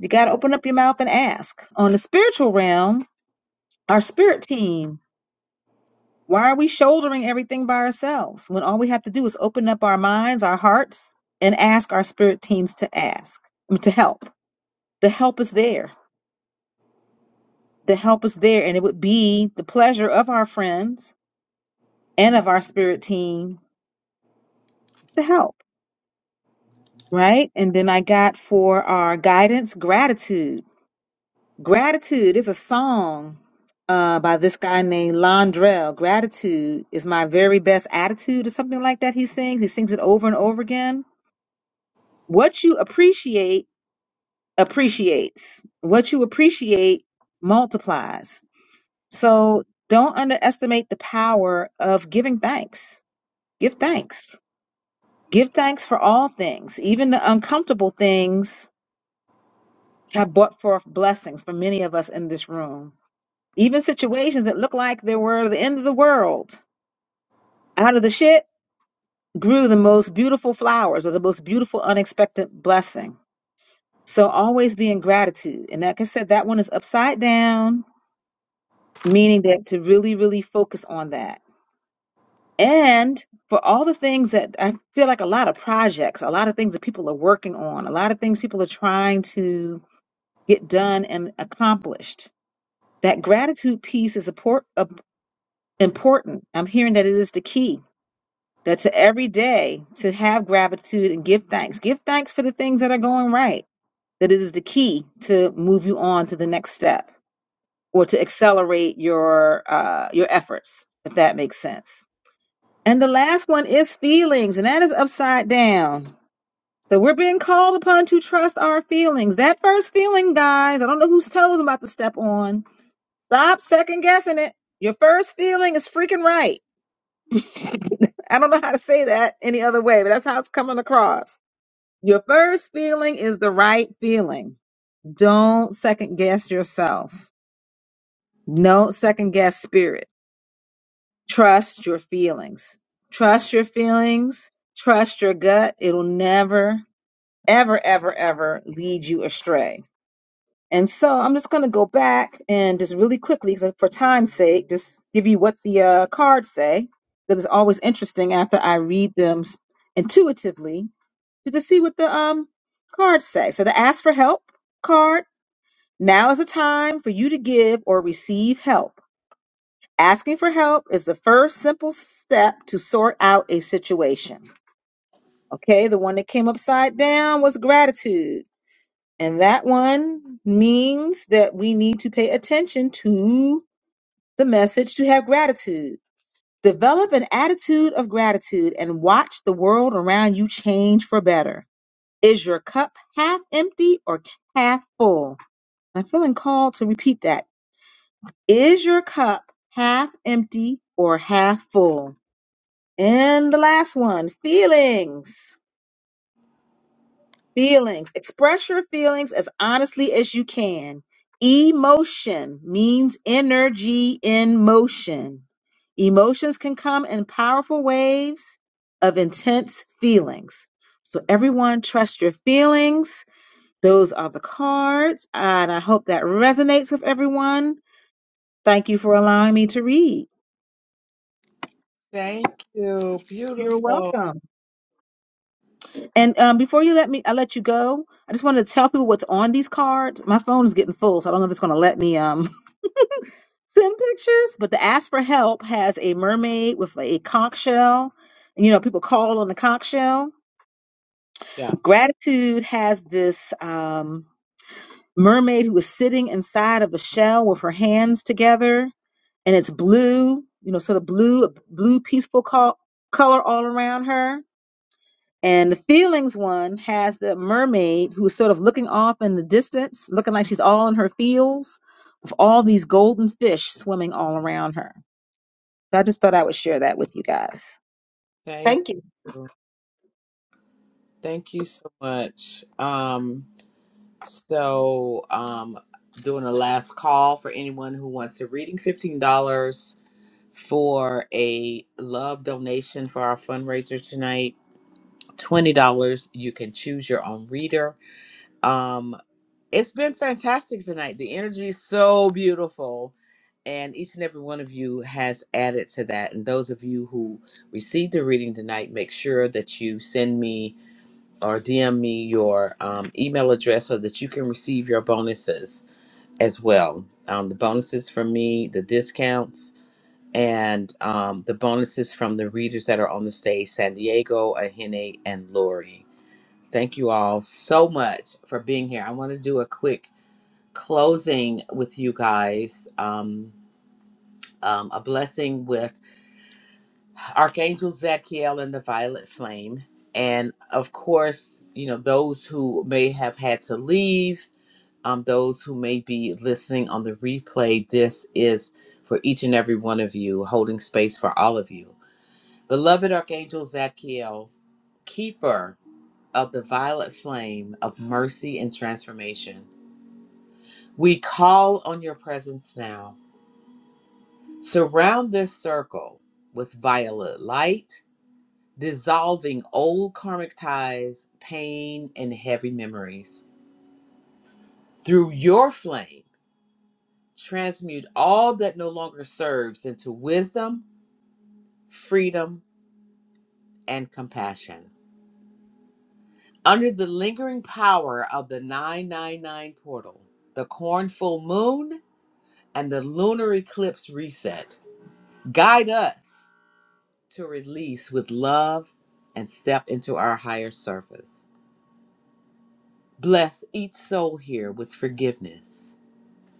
you got to open up your mouth and ask. On the spiritual realm, our spirit team Why are we shouldering everything by ourselves when all we have to do is open up our minds, our hearts, and ask our spirit teams to ask, I mean, to help? The help is there. The help is there. And it would be the pleasure of our friends and of our spirit team to help, right? And then I got for our guidance gratitude. Gratitude is a song uh, by this guy named Londrell. Gratitude is my very best attitude, or something like that. He sings. He sings it over and over again What you appreciate appreciates. What you appreciate multiplies. So don't underestimate the power of giving thanks. Give thanks. Give thanks for all things, even the uncomfortable things have brought forth blessings for many of us in this room. Even situations that look like they were the end of the world. Out of the shit grew the most beautiful flowers or the most beautiful unexpected blessing So always be in gratitude. And like I said, that one is upside down, meaning that to really, really focus on that. And for all the things that I feel like a lot of projects, a lot of things that people are working on, a lot of things people are trying to get done and accomplished, that gratitude piece is appor- uh, important. I'm hearing that it is the key. That to every day to have gratitude and give thanks. Give thanks for the things that are going right. That it is the key to move you on to the next step. or to accelerate your uh, your efforts, if that makes sense. And the last one is feelings, and that is upside down. So we're being called upon to trust our feelings. That first feeling, guys, I don't know whose toes I'm about to step on. Stop second guessing it. Your first feeling is freaking right. I don't know how to say that any other way, but that's how it's coming across. Your first feeling is the right feeling. Don't second guess yourself. No second guess spirit. Trust your feelings. Trust your feelings. Trust your gut. It'll never, ever, ever, ever lead you astray. And so I'm just going to go back and just really quickly, 'cause for time's sake, just give you what the uh, cards say, because it's always interesting after I read them s- intuitively to just see what the um, cards say. So the ask for help card. Now is the time for you to give or receive help. Asking for help is the first simple step to sort out a situation. Okay, the one that came upside down was gratitude. And that one means that we need to pay attention to the message to have gratitude. Develop an attitude of gratitude and watch the world around you change for better. Is your cup half empty or half full? I'm feeling called to repeat that. Is your cup half empty or half full? And the last one, feelings. Feelings. Express your feelings as honestly as you can. Emotion means energy in motion. Emotions can come in powerful waves of intense feelings. So, everyone, trust your feelings. Those are the cards, and I hope that resonates with everyone. Thank you for allowing me to read. Thank you. You're Beautiful. welcome. And um, before you let me, I let you go. I just wanted to tell people what's on these cards. My phone is getting full, so I don't know if it's going to let me um send pictures. But the ask for help has a mermaid with a conch shell. And, you know, people call on the conch shell. Yeah. Gratitude has this um mermaid who is sitting inside of a shell with her hands together, and it's blue. You know, sort of blue, blue peaceful col- color all around her And the feelings one has the mermaid who's sort of looking off in the distance, looking like she's all in her feels with all these golden fish swimming all around her. So I just thought I would share that with you guys. Thank Thank you. you. Thank you so much. Um so um doing a last call for anyone who wants a reading, $15. for a love donation for our fundraiser tonight. $20. You can choose your own reader. Um, it's been fantastic tonight. The energy is so beautiful. And each and every one of you has added to that. And those of you who received the reading tonight, make sure that you send me or DM me your um, email address so that you can receive your bonuses as well. Um, the bonuses from me, the discounts, and um, the bonuses from the readers that are on the stage San Diego, Ahene, and Lori. Thank you all so much for being here. I want to do a quick closing with you guys. Um, um, a blessing with Archangel Zadkiel and the Violet Flame. And of course, you know, those who may have had to leave, um, those who may be listening on the replay, this is for each and every one of you, holding space for all of you. Beloved Archangel Zadkiel, keeper of the violet flame of mercy and transformation, we call on your presence now. Surround this circle with violet light, dissolving old karmic ties, pain, and heavy memories. Through your flame, transmute all that no longer serves into wisdom, freedom, and compassion. Under the lingering power of the 999 portal, the corn full moon, and the lunar eclipse reset, guide us to release with love and step into our higher surface. Bless each soul here with forgiveness,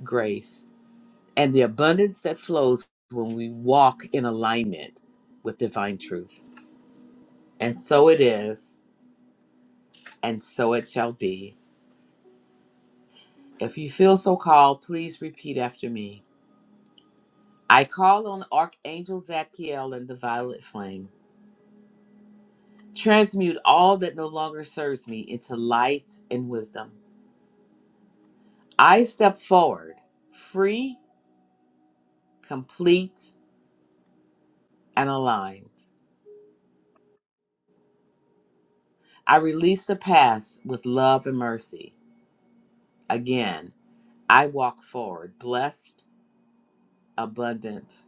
grace, and the abundance that flows when we walk in alignment with divine truth. And so it is, and so it shall be. If you feel so called, please repeat after me. I call on Archangel Zadkiel and the violet flame. Transmute all that no longer serves me into light and wisdom. I step forward, free, complete, and aligned. I release the past with love and mercy. Again, I walk forward, blessed, abundant,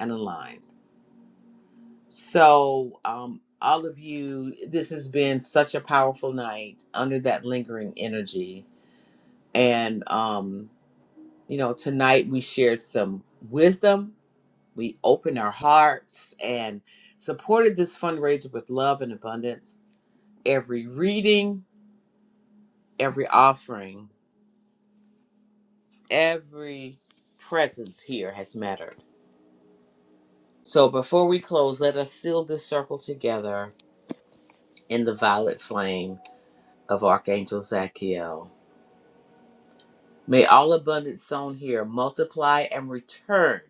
and aligned. So, um, all of you, this has been such a powerful night under that lingering energy. And um, you know, tonight we shared some wisdom. We opened our hearts and supported this fundraiser with love and abundance. Every reading, every offering, every presence here has mattered. So before we close, let us seal this circle together in the violet flame of Archangel Zachiel. May all abundance sown here multiply and return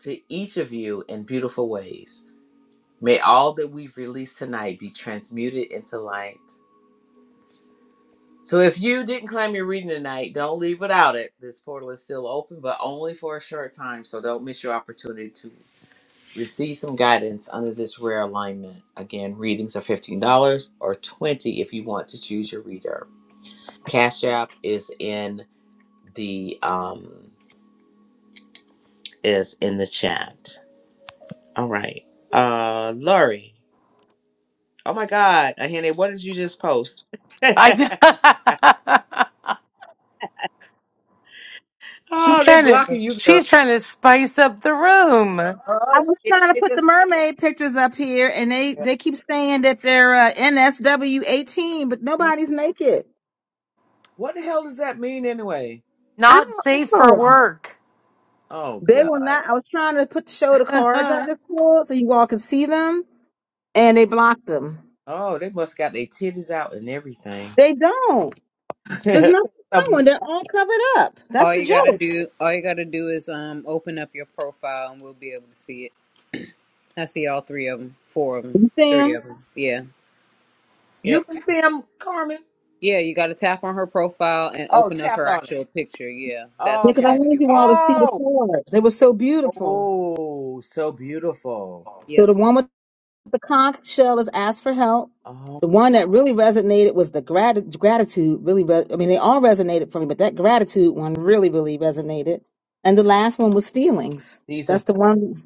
to each of you in beautiful ways. May all that we've released tonight be transmuted into light. So if you didn't claim your reading tonight, don't leave without it. This portal is still open, but only for a short time, so don't miss your opportunity to receive some guidance under this rare alignment. Again, readings are $15 or 20 dollars if you want to choose your reader. Cash app is in the um is in the chat. All right. Uh Lori. Oh my god, Ahene, what did you just post? I know. she's Oh, they trying blocking to you, girl. she's trying to spice up the room. I Oh was shit! trying to They put the just mermaid pictures up here, and they yeah. they keep saying that they're uh, NSW eighteen, but Mm. nobody's naked. what the hell does that mean anyway? I Not don't safe for know. work. Oh They will god! not. I was trying to put show the cards I just pulled so you all could see them, and they blocked them. Oh, they must got their titties out and everything. They don't. There's nothing Amazing. showing. They're all covered up. That's All the you gotta joke. do, all you gotta do is um open up your profile and we'll be able to see it. I see all three of them, four of them, You see three them? of them. Yeah, you yep, can see them, Carmen. yeah. You gotta tap on her profile and Oh, open up tap her on it. actual picture. Yeah, that's the Because only I okay. way wanted you'll you be all able to to. see the Oh, cards. They were yeah. so beautiful. oh, so beautiful. So Yep. the one with The conch shell is asked for help. Oh, The one that really resonated was the grat- gratitude. Really, re- I mean, they all resonated for me, but that gratitude one really, really resonated. And the last one was feelings. these are That's the one.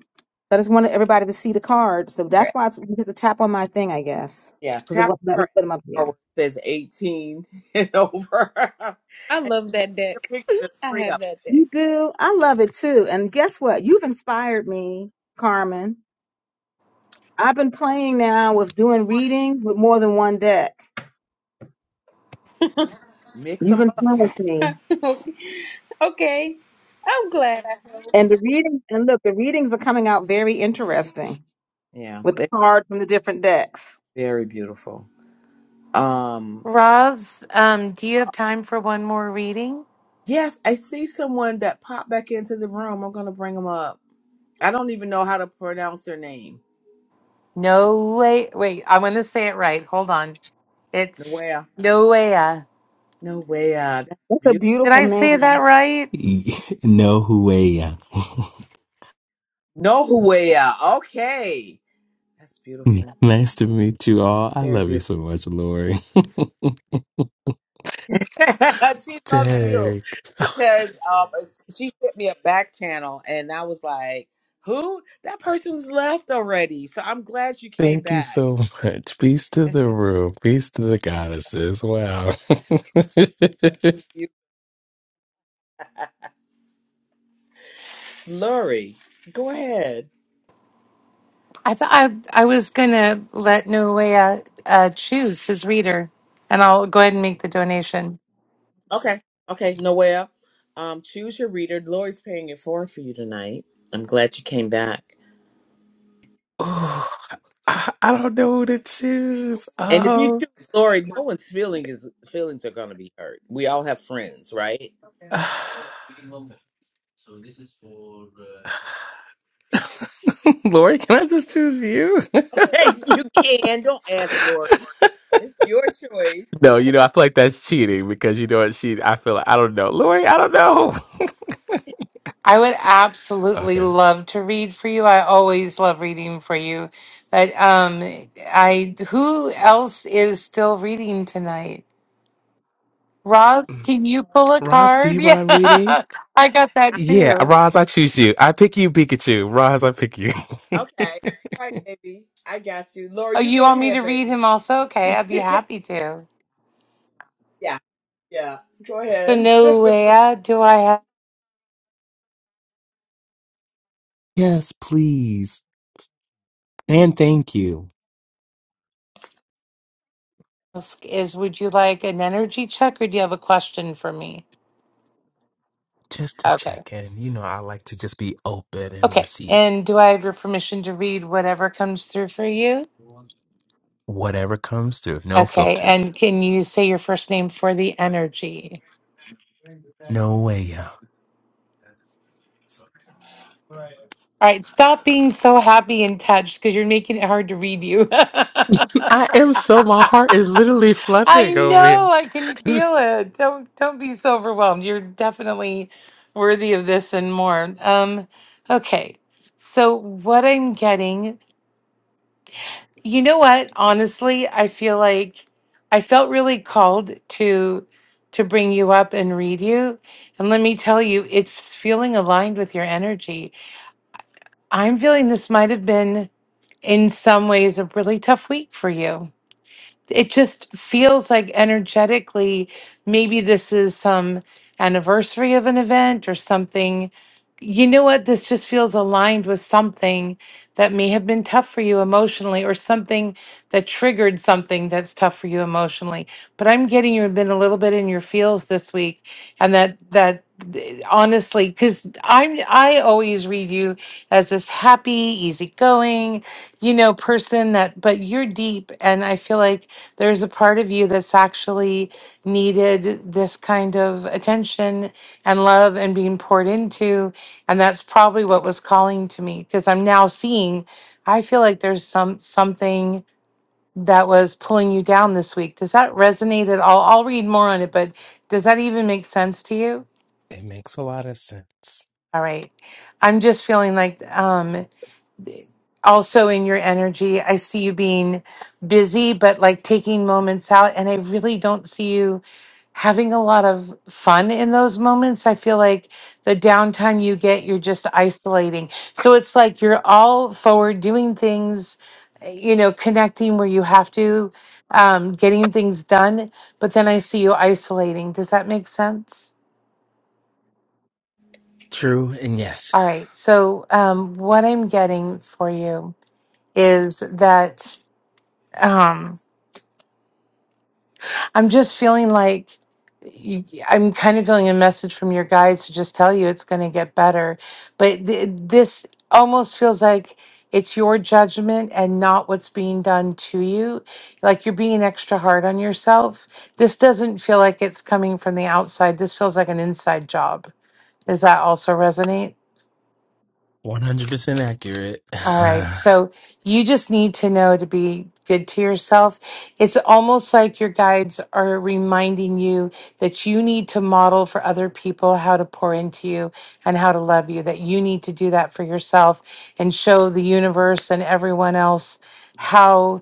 I just wanted everybody to see the card, so yeah. that's why it's, you have to tap on my thing, I guess, yeah, because it Tap won't let on me her put them up avatar where there. it says eighteen and over, I and love that the deck. picture I three have up. that You deck. do. I love it too. And guess what? You've inspired me, Carmen. I've been playing now with doing reading with more than one deck. Mix You've them up. influenced me. okay, I'm glad I have. it. And the reading and look, the readings are coming out very interesting Yeah. with the cards from the different decks. Very beautiful. Um, Roz, um, do you have time for one more reading? yes, I see someone that popped back into the room. I'm gonna bring them up. I don't even know how to pronounce their name. No way. Wait, I'm going to say it right. Hold on. It's Noea. Noea. Noea. That's That's a beautiful. Did beautiful I say that name. right? No way. Nohuea. Okay. That's beautiful. Nice to meet you all. I Very love you beautiful. so much, Lori. she loves you Derek, because um, she sent me a back channel and I was like, who? That person's left already. So I'm glad you came thank you back. so much. Peace to the room. Peace to the goddesses. Wow. You, Lori, go ahead. I thought I, I was gonna let Nuea uh, choose his reader, and I'll go ahead and make the donation. Okay. Okay, Noelle. Um, choose your reader. Lori's paying it forward for you tonight. I'm glad you came back. Ooh, I, I don't know who to choose. And if you Um, choose Lori, no one's feeling is feelings are gonna be hurt. We all have friends, right? Lori, can I just choose you? Hey, you can. Don't ask Lori. It's your choice. no, you know, I feel like that's cheating because you know what? She, I feel like, I don't know. Lori, I don't know. I would absolutely okay. love to read for you. I always love reading for you. But um, I who else is still reading tonight? Roz, can you pull a Ross, do card? you Yeah, mind reading? I got I that Yeah, too. Roz, I choose you. I pick you, Pikachu. Roz, I pick you. Okay. All right, baby. I got you. Oh, Lori, you you go want me to ahead, read baby. him also? Okay, I'd be happy to. yeah. Yeah. Go So ahead. Nuea, do I have? yes, please. And thank you. ask is would you like an energy check or do you have a question for me? Just to Okay. check in. You know, I like to just be open and Okay. receive And do I have your permission to read whatever comes through for you? whatever comes through. No Okay. filters. And can you say your first name for the energy? No way, yo. All right. Stop being so happy and touched because you're making it hard to read you. I am so, my heart is literally I fluttering over here. know. I can feel it. Don't don't be so overwhelmed. You're definitely worthy of this and more. Um, okay. So what I'm getting You know what? Honestly, I feel like I felt really called to to bring you up and read you. And let me tell you, it's feeling aligned with your energy. I'm feeling this might have been in some ways a really tough week for you it just feels like energetically maybe this is some anniversary of an event or something you know what this just feels aligned with something that may have been tough for you emotionally or something that triggered something that's tough for you emotionally but i'm getting you've been a little bit in your feels this week and that that eh, honestly because i'm i always read you as this happy easygoing you know person that but you're deep and i feel like there's a part of you that's actually needed this kind of attention and love and being poured into. And that's probably what was calling to me because I'm now seeing, I feel like there's some something that was pulling you down this week. Does that resonate at all? I'll read more on it, but does that even make sense to you? It makes a lot of sense. All right. I'm just feeling like um also in your energy. I see you being busy, but like taking moments out. And I really don't see you having a lot of fun in those moments. I feel like the downtime you get, you're just isolating. So it's like you're all forward doing things, you know, connecting where you have to, um, getting things done. But then I see you isolating. Does that make sense? True, and yes, All right. So, um, what I'm getting for you is that. Um, I'm just feeling like y- I'm kind of feeling a message from your guides to just tell you it's going to get better. But th- this almost feels like it's your judgment and not what's being done to you. Like you're being extra hard on yourself. This doesn't feel like it's coming from the outside. This feels like an inside job. Does that also resonate? 100% accurate. All right. So you just need to know to be good to yourself. It's almost like your guides are reminding you that you need to model for other people how to pour into you and how to love you, that you need to do that for yourself and show the universe and everyone else. how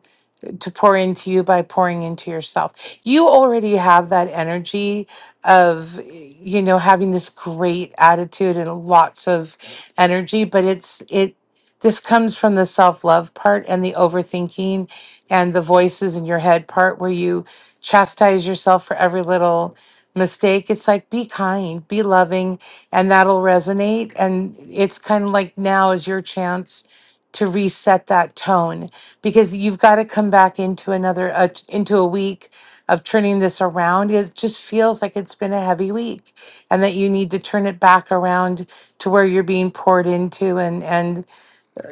to pour into you by pouring into yourself. You already have that energy of, you know, having this great attitude and lots of energy, but it's, it, this comes from the self love part and the overthinking and the voices in your head part where you chastise yourself for every little mistake. It's like be kind, be loving, and that'll resonate. And it's kind of like now is your chance to reset that tone because you've got to come back into another uh, into a week of turning this around it just feels like it's been a heavy week and that you need to turn it back around to where you're being poured into and and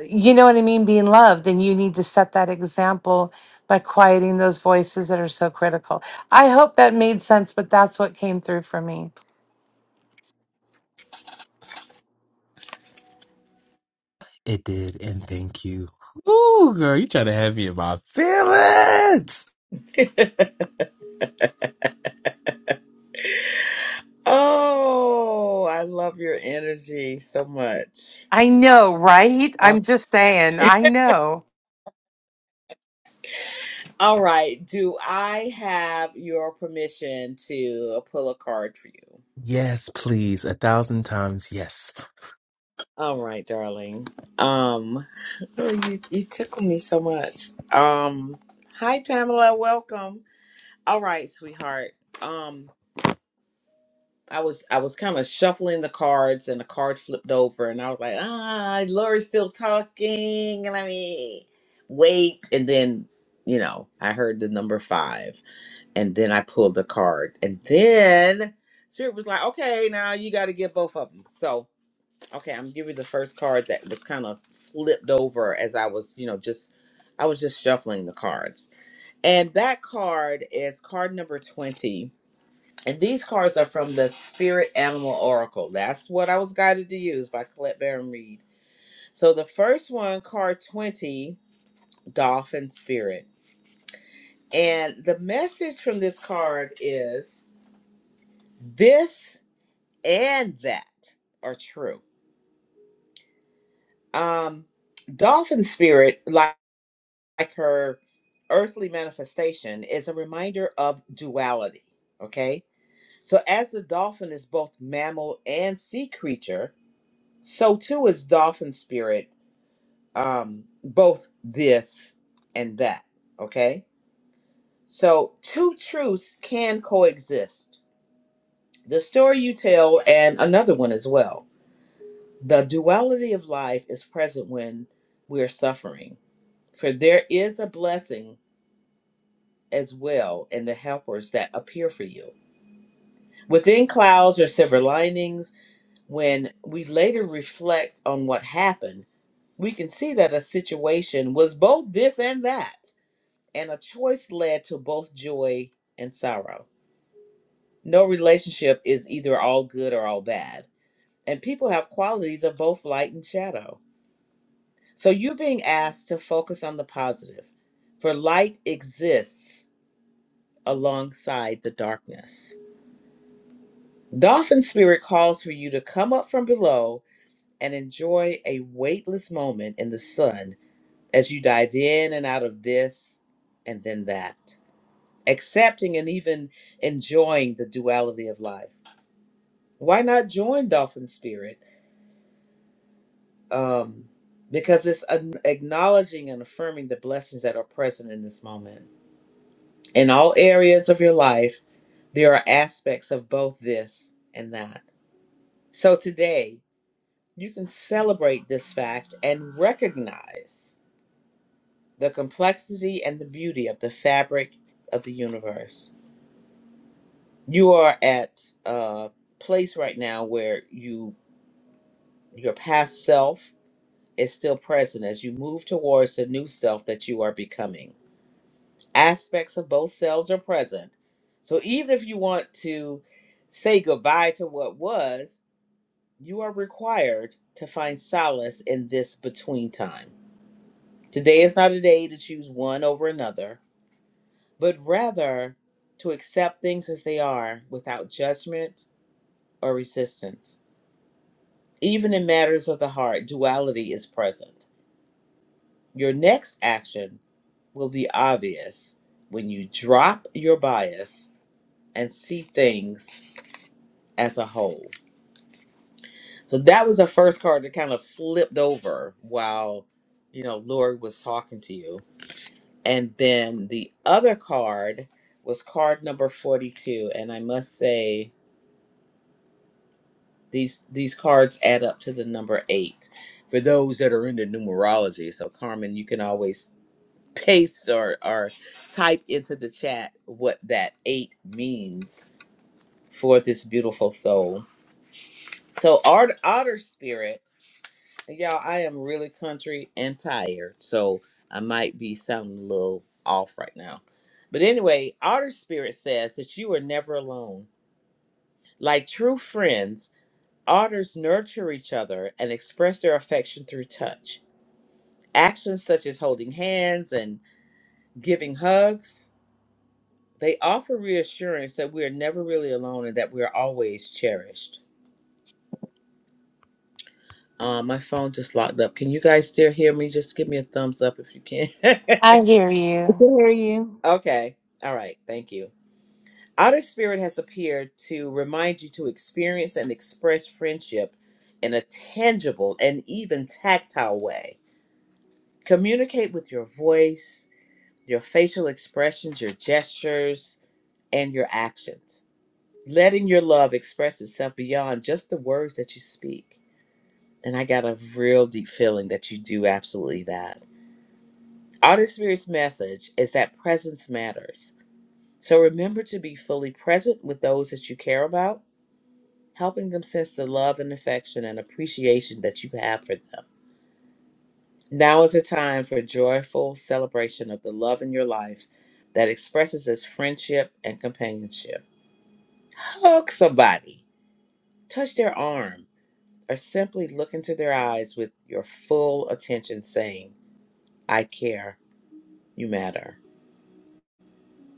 you know what i mean being loved and you need to set that example by quieting those voices that are so critical i hope that made sense but that's what came through for me it did, and thank you. Ooh, girl, you trying to have me in my feelings. oh, I love your energy so much. i know right i'm just saying i know All right. Do I have your permission to pull a card for you? Yes, please. A thousand times yes. All right, darling. Um, oh, you you tickle me so much. Um, hi Pamela, welcome. All right, sweetheart. Um, I was I was kind of shuffling the cards, and the card flipped over, and I was like, ah, Lori's still talking, and I mean, wait, and then you know, I heard the number five. and then I pulled the card. And then Spirit was like, okay, now you got to get both of them. So, okay, I'm giving you the first card that was kind of flipped over as I was, you know, just, I was just shuffling the cards. And that card is card number 20. And these cards are from the Spirit Animal Oracle. That's what I was guided to use by Colette Baron Reed. So the first one, card 20, Dolphin Spirit. And the message from this card is this and that are true. Um, dolphin spirit, like, like her earthly manifestation, is a reminder of duality. Okay, so as the dolphin is both mammal and sea creature, so too is dolphin spirit, um, both this and that. Okay, so two truths can coexist: the story you tell and another one as well. The duality of life is present when we are suffering, for there is a blessing as well in the helpers that appear for you. Within clouds or silver linings, when we later reflect on what happened, we can see that a situation was both this and that, and a choice led to both joy and sorrow. No relationship is either all good or all bad, and people have qualities of both light and shadow. So you're being asked to focus on the positive, for light exists alongside the darkness. Dolphin Spirit calls for you to come up from below and enjoy a weightless moment in the sun as you dive in and out of this and then that, accepting and even enjoying the duality of life. Why not join Dolphin Spirit? Um, because it's an acknowledging and affirming the blessings that are present in this moment. In all areas of your life, there are aspects of both this and that. So today, you can celebrate this fact and recognize the complexity and the beauty of the fabric of the universe. You are at a place right now where you your past self is still present as you move towards the new self that you are becoming. aspects of both selves are present. So even if you want to say goodbye to what was, you are required to find solace in this between time. Today is not a day to choose one over another, but rather to accept things as they are without judgment or resistance. Even in matters of the heart, duality is present. Your next action will be obvious when you drop your bias and see things as a whole. So that was the first card that kind of flipped over while, you know, Lori was talking to you. And then the other card was card number 42. And I must say, these these cards add up to the number eight for those that are into numerology. So Carmen, you can always paste or, or type into the chat what that eight means for this beautiful soul. So art otter spirit Y'all, I am really country and tired, so I might be sounding a little off right now. But anyway, Otter Spirit says that you are never alone. Like true friends, otters nurture each other and express their affection through touch. Actions such as holding hands and giving hugs, they offer reassurance that we are never really alone and that we are always cherished. Uh, my phone just locked up. Can you guys still hear me? Just give me a thumbs up if you can. I hear you. Good to hear you. Okay. All right. Thank you. Outer Spirit has appeared to remind you to experience and express friendship in a tangible and even tactile way. Communicate with your voice, your facial expressions, your gestures, and your actions, letting your love express itself beyond just the words that you speak. And I got a real deep feeling that you do absolutely that. Outer Spirit's message is that presence matters So remember to be fully present with those that you care about, helping them sense the love and affection and appreciation that you have for them. Now is a time for joyful celebration of the love in your life that expresses as friendship and companionship. Hug somebody, touch their arm, or simply look into their eyes with your full attention, saying, I care, you matter.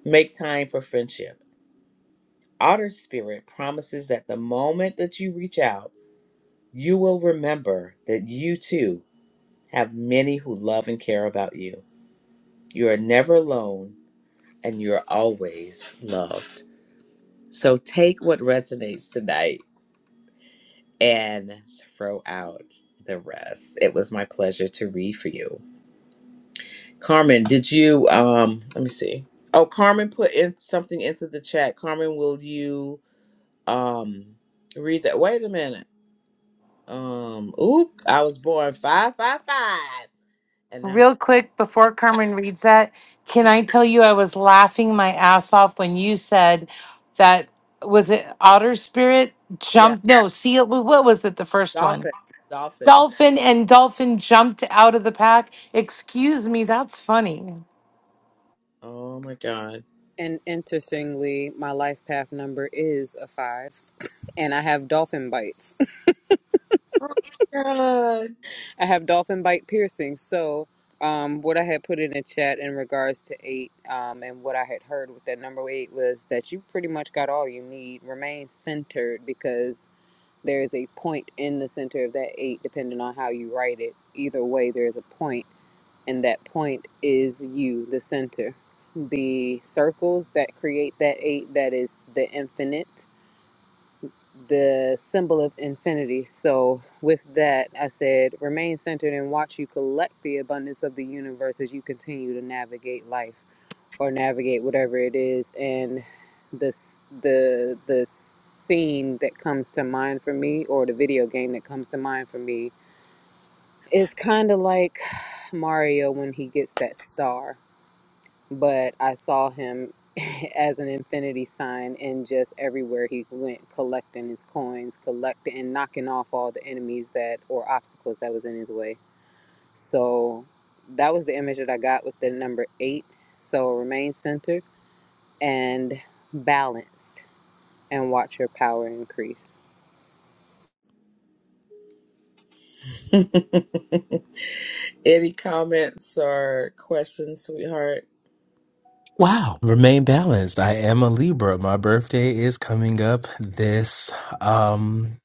Make time for friendship. Otter Spirit promises that the moment that you reach out, You will remember that you too have many who love and care about you. You are never alone and you're always loved. So take what resonates tonight and throw out the rest. It was my pleasure to read for you. Carmen, did you um let me see. Oh, Carmen put in something into the chat. Carmen, will you um read that? Wait a minute. Um oop, I was born 555 and I'm Real quick, before 5. Carmen reads that, can I tell you I was laughing my ass off when you said that was it otter spirit yeah. jumped no seal wh- what was it the first one Dolphin. Dolphin. dolphin and dolphin jumped out of the pack excuse me that's funny Oh my God. And interestingly, my life path number is a five, and I have dolphin bites. Oh my God. I have dolphin bite piercings. So, um, what I had put in the chat in regards to eight, um, and what I had heard with that number eight was that you pretty much got all you need. Remain centered because there is a point in the center of that eight, depending on how you write it. Either way, there is a point, and that point is you, the center. The circles that create that eight, that is the infinite the symbol of infinity. So, with that, I said, remain centered and watch you collect the abundance of the universe as you continue to navigate life or navigate whatever it is. And this, the, the scene that comes to mind for me, or the video game that comes to mind for me, is kind of like Mario when he gets that star but I saw him as an infinity sign and just everywhere he went collecting his coins, collecting and knocking off all the enemies that or obstacles that was in his way. So that was the image that I got with the number 8. So remain centered and balanced and watch your power increase. Any comments or questions, sweetheart? Wow. Remain balanced. I am a Libra. My birthday is coming up this um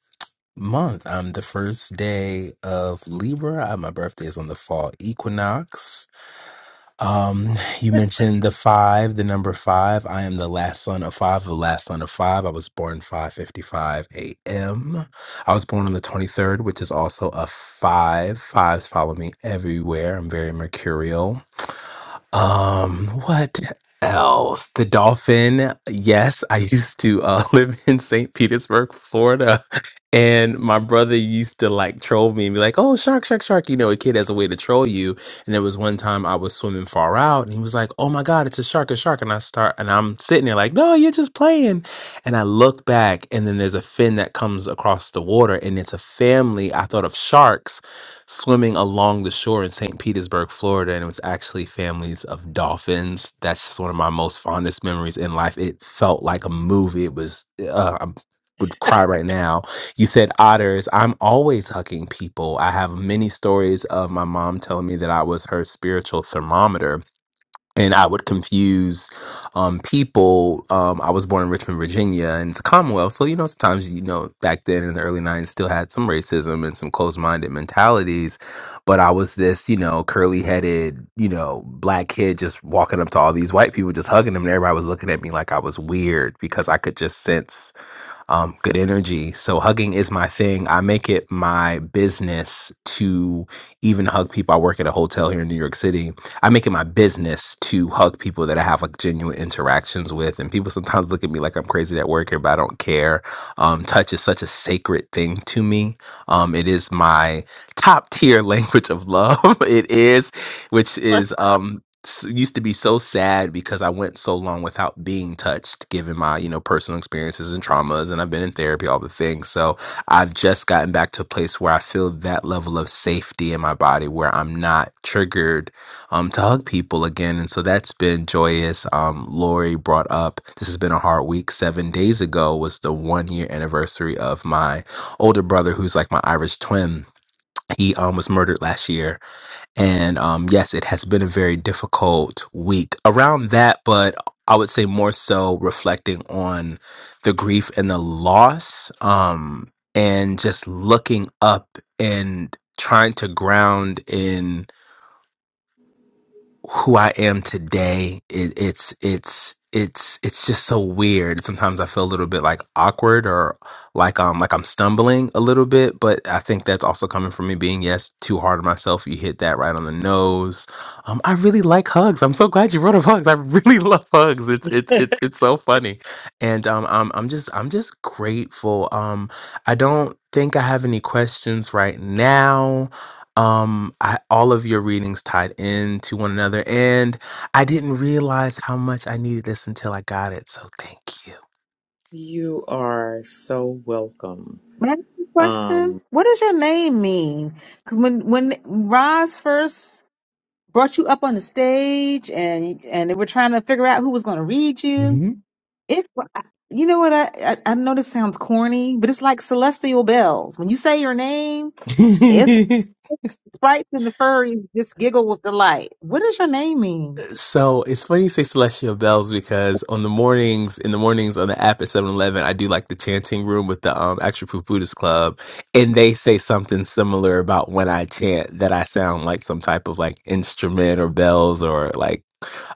month. I'm the first day of Libra. Uh, My birthday is on the fall equinox. Um, you mentioned the five, the number five. I am the last son of five, the last son of five. I was born 5:55 a.m. I was born on the 23rd, which is also a five. Fives follow me everywhere. I'm very mercurial. Um, what else? The dolphin. Yes, I used to uh, live in St. Petersburg, Florida, and my brother used to like troll me and be like, "Oh, shark, shark, shark!" You know, a kid has a way to troll you. And there was one time I was swimming far out, and he was like, "Oh my God, it's a shark, a shark!" And I start, and I'm sitting there like, "No, you're just playing." And I look back, and then there's a fin that comes across the water, and it's a family. I thought of sharks swimming along the shore in St. Petersburg, Florida, and it was actually families of dolphins. That's just one of my most fondest memories in life. It felt like a movie. It was, uh, I would cry right now. You said otters. I'm always hugging people. I have many stories of my mom telling me that I was her spiritual thermometer and I would confuse um, people. Um, I was born in Richmond, Virginia, and it's a Commonwealth. So, you know, sometimes, you know, back then in the early 90s, still had some racism and some closed minded mentalities. But I was this, you know, curly headed, you know, black kid just walking up to all these white people, just hugging them. And everybody was looking at me like I was weird because I could just sense um, good energy. So, hugging is my thing. I make it my business to even hug people. I work at a hotel here in New York City I make it my business to hug people that I have like genuine interactions with. And people sometimes look at me like I'm crazy at work here, but I don't care. Um, touch is such a sacred thing to me. Um, it is my top tier language of love. it is, which is um s- used to be so sad because I went so long without being touched given my, you know, personal experiences and traumas and I've been in therapy all the things. So, I've just gotten back to a place where I feel that level of safety in my body where I'm not triggered um, to hug people again. And so that's been joyous. Um, Lori brought up this has been a hard week. Seven days ago was the one year anniversary of my older brother, who's like my Irish twin. He um, was murdered last year. And um, yes, it has been a very difficult week around that, but I would say more so reflecting on the grief and the loss um, and just looking up and trying to ground in who I am today, it, it's it's it's it's just so weird. Sometimes I feel a little bit like awkward or like um like I'm stumbling a little bit, but I think that's also coming from me being yes too hard on myself. You hit that right on the nose. Um, I really like hugs. I'm so glad you wrote of hugs. I really love hugs. It's it's it's it's so funny, and um I'm I'm just I'm just grateful. Um, I don't think I have any questions right now um I, all of your readings tied into one another and i didn't realize how much i needed this until i got it so thank you are so welcome. May I ask you a question? Um, What does your name mean? Because when when Roz first brought you up on the stage and and they were trying to figure out who was going to read you, you it you know what I, I I know this sounds corny, but it's like celestial bells. When you say your name, it's like hmm sprites and the furries just giggle with delight. What does your name mean? So it's funny you say Celestial Bells because on the mornings, in the mornings on the app at Seven Eleven, I do like the chanting room with the um, Actual Proof Buddhist Club. And they say something similar about when I chant that I sound like some type of like instrument or bells or like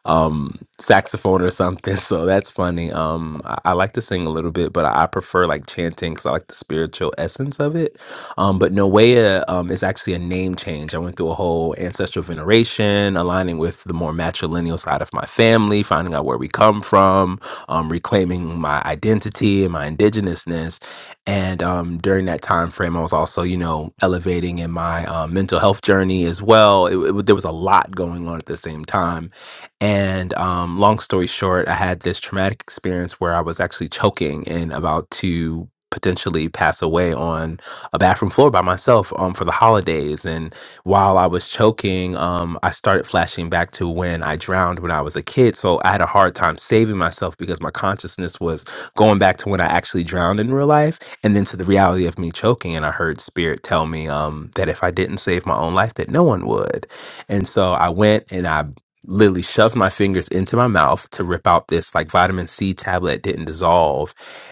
um saxophone or something so that's funny um I, I like to sing a little bit but i, I prefer like chanting because i like the spiritual essence of it um, but Noea um, is actually a name change. I went through a whole ancestral veneration, aligning with the more matrilineal side of my family, finding out where we come from, um, reclaiming my identity and my indigenousness. And um, during that time frame, I was also, you know, elevating in my um, mental health journey as well. It, it, there was a lot going on at the same time. And um, long story short, I had this traumatic experience where I was actually choking and about to potentially pass away on a bathroom floor by myself um, for the holidays. And while I was choking, um, I started flashing back to when I drowned when I was a kid. So I had a hard time saving myself because my consciousness was going back to when I actually drowned in real life and then to the reality of me choking. And I heard spirit tell me um, that if I didn't save my own life, that no one would. And so I went and I literally shoved my fingers into my mouth to rip out this like vitamin C tablet that didn't dissolve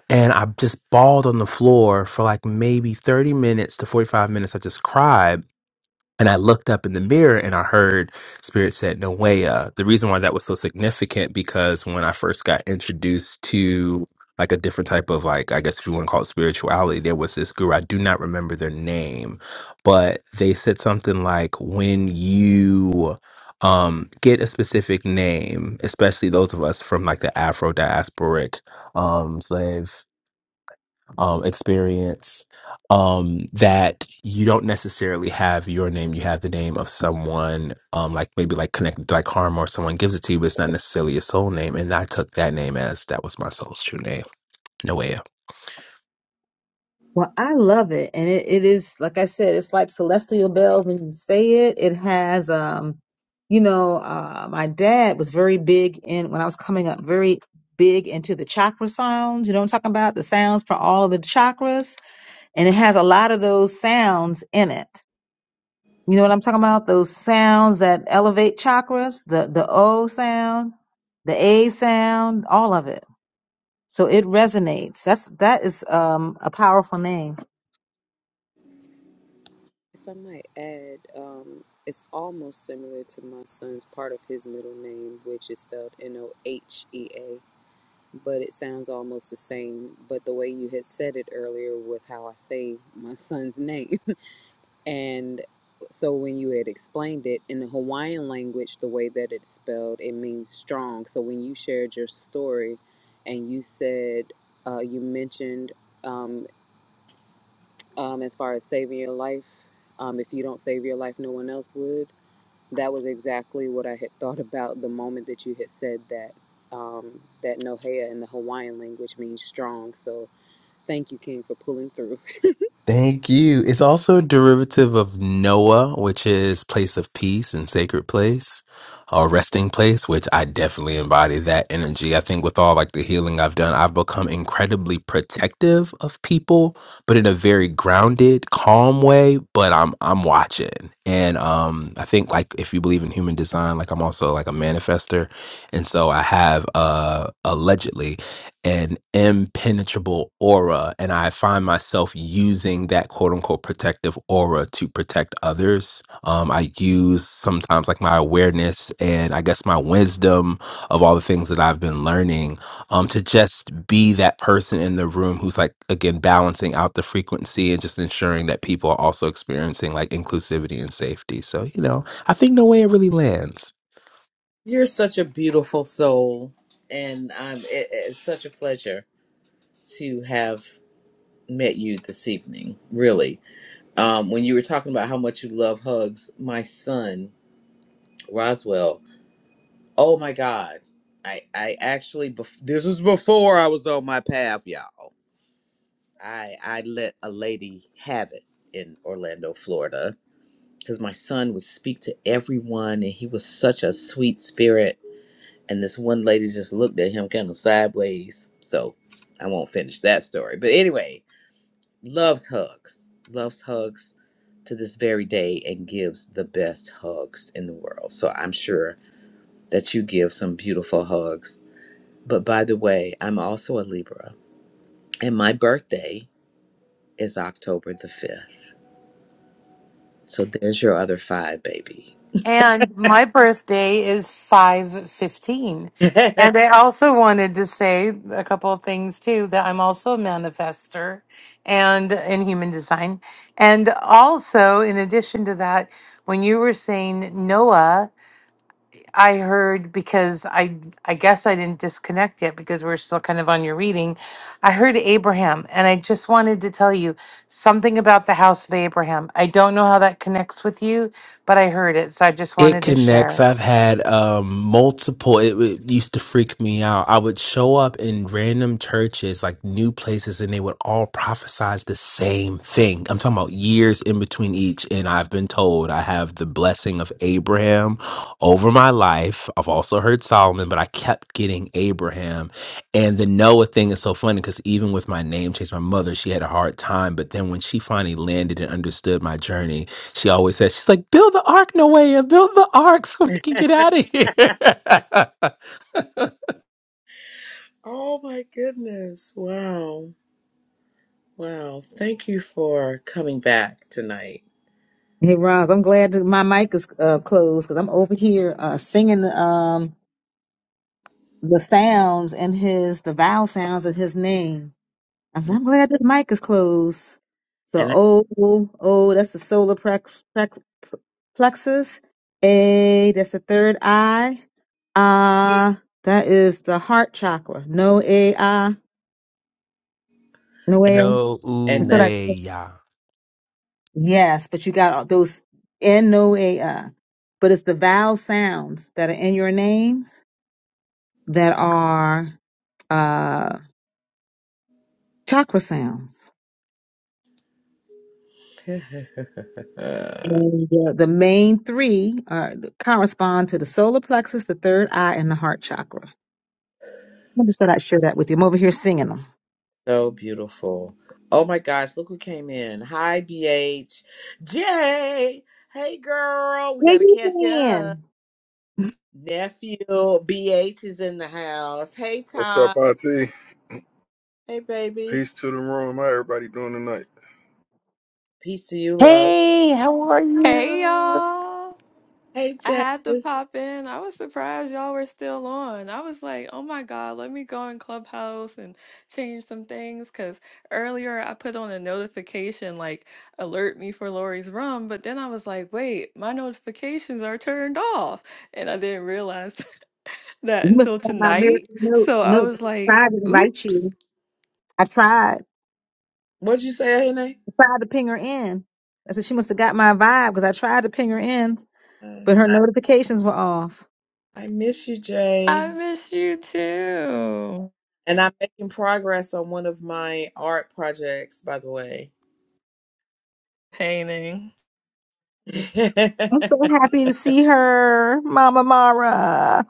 and I just bawled on the floor for like maybe 30 minutes to 45 minutes. I just cried. And I looked up in the mirror and I heard Spirit said, Noea. The reason why that was so significant because when I first got introduced to like a different type of like, I guess if you want to call it spirituality, there was this guru. I do not remember their name, but they said something like, when you um get a specific name, especially those of us from like the Afro diasporic um slave um, experience um, that you don't necessarily have your name. You have the name of someone, um, like maybe like connected to like Karma or someone gives it to you, but it's not necessarily your soul name. And I took that name as that was my soul's true name, Noea. Well, I love it. And it, it is, like I said, it's like celestial bells when you say it. It has, um, you know, uh, my dad was very big in, when I was coming up, very big into the chakra sounds. You know what I'm talking about? The sounds for all of the chakras. and it has a lot of those sounds in it. You know what I'm talking about? Those sounds that elevate chakras, the the O sound, the A sound, all of it. So it resonates. That's that is um a powerful name. If I might add, um, it's almost similar to my son's part of his middle name, which is spelled N O H E A. but it sounds almost the same. But the way you had said it earlier was how I say my son's name. and so when you had explained it in the Hawaiian language, the way that it's spelled, it means strong. So when you shared your story and you said, uh, you mentioned um, um, as far as saving your life, um, if you don't save your life, no one else would. That was exactly what I had thought about the moment that you had said that um, that nohea in the Hawaiian language means strong. So thank you, King, for pulling through. Thank you. It's also a derivative of Noah, which is place of peace and sacred place, or resting place, which I definitely embody that energy. I think with all like the healing I've done, I've become incredibly protective of people, but in a very grounded, calm way. But I'm I'm watching. And um I think like if you believe in human design, like I'm also like a manifester. And so I have uh allegedly an impenetrable aura and i find myself using that quote unquote protective aura to protect others um, i use sometimes like my awareness and i guess my wisdom of all the things that i've been learning um, to just be that person in the room who's like again balancing out the frequency and just ensuring that people are also experiencing like inclusivity and safety so you know i think no way it really lands you're such a beautiful soul, and um, it, it's such a pleasure to have met you this evening. Really, um, when you were talking about how much you love hugs, my son Roswell. Oh my God. I, I actually, bef- this was before I was on my path, y'all. I, I let a lady have it in Orlando, Florida, because my son would speak to everyone and he was such a sweet spirit. And this one lady just looked at him kind of sideways. So I won't finish that story. But anyway, loves hugs, loves hugs to this very day and gives the best hugs in the world. So I'm sure that you give some beautiful hugs But by the way, I'm also a Libra, and my birthday is October the 5th. So there's your other five, baby. And my birthday is 515. And I also wanted to say a couple of things too that I'm also a manifester and in human design. And also, in addition to that, when you were saying Noah, I heard because I I guess I didn't disconnect yet because we're still kind of on your reading. I heard Abraham and I just wanted to tell you something about the house of Abraham. I don't know how that connects with you, but I heard it, so I just It wanted to connects. share. I've had um, multiple. It, it used to freak me out. I would show up in random churches, like new places, and they would all prophesize the same thing. I'm talking about years in between each. And I've been told I have the blessing of Abraham over my life. I've also heard Solomon, but I kept getting Abraham. And the Noah thing is so funny because even with my name change, my mother, she had a hard time. But then when she finally landed and understood my journey, she always says, she's like, build the ark, Noah, build the ark so we can get out of here. oh my goodness. Wow. Wow. Thank you for coming back tonight. Hey Roz, I'm glad that my mic is uh, closed because I'm over here uh, singing um the sounds in his the vowel sounds in his name. I'm, so- I'm glad this mic is closed. So And I, oh, oh, that's the solar plex, plex, plexus. A, that's the third eye. Ah, that is the heart chakra. No A I, no a, no ooh, and So that that way, yes, but you got all those N no A I. But it's the vowel sounds that are in your names that are uh chakra sounds. And uh, the main three are, correspond to the solar plexus, the third eye, and the heart chakra. I just thought I'd share that with you. I'm over here singing them. so beautiful. Oh my gosh, look who came in. Hi BH. Jay. Hey girl, we Yeah, got to you catch up. can. Nephew BH is in the house. Hey What's Ty. up, Auntie? Hey, baby. Peace to the room. How everybody doing tonight? Peace to you, love. Hey, how are Hey you? y'all. Hey, I Jay. had to pop in. I was surprised y'all were still on. I was like, oh my God, let me go in Clubhouse and change some things. Because earlier I put on a notification like, alert me for Lori's room. But then I was like, wait, my notifications are turned off. And I didn't realize that You must until have got my tonight. miracle note. So I note. was I like, tried to invite oops, you. I tried. What'd you say, Ahene? I tried to ping her in. I said she must have got my vibe because I tried to ping her in. Uh, but her notifications were off. I miss you, I Jay. miss you too. And I'm making progress on one of my art projects, by the way. Painting. I'm so happy to see her, Mama Mara.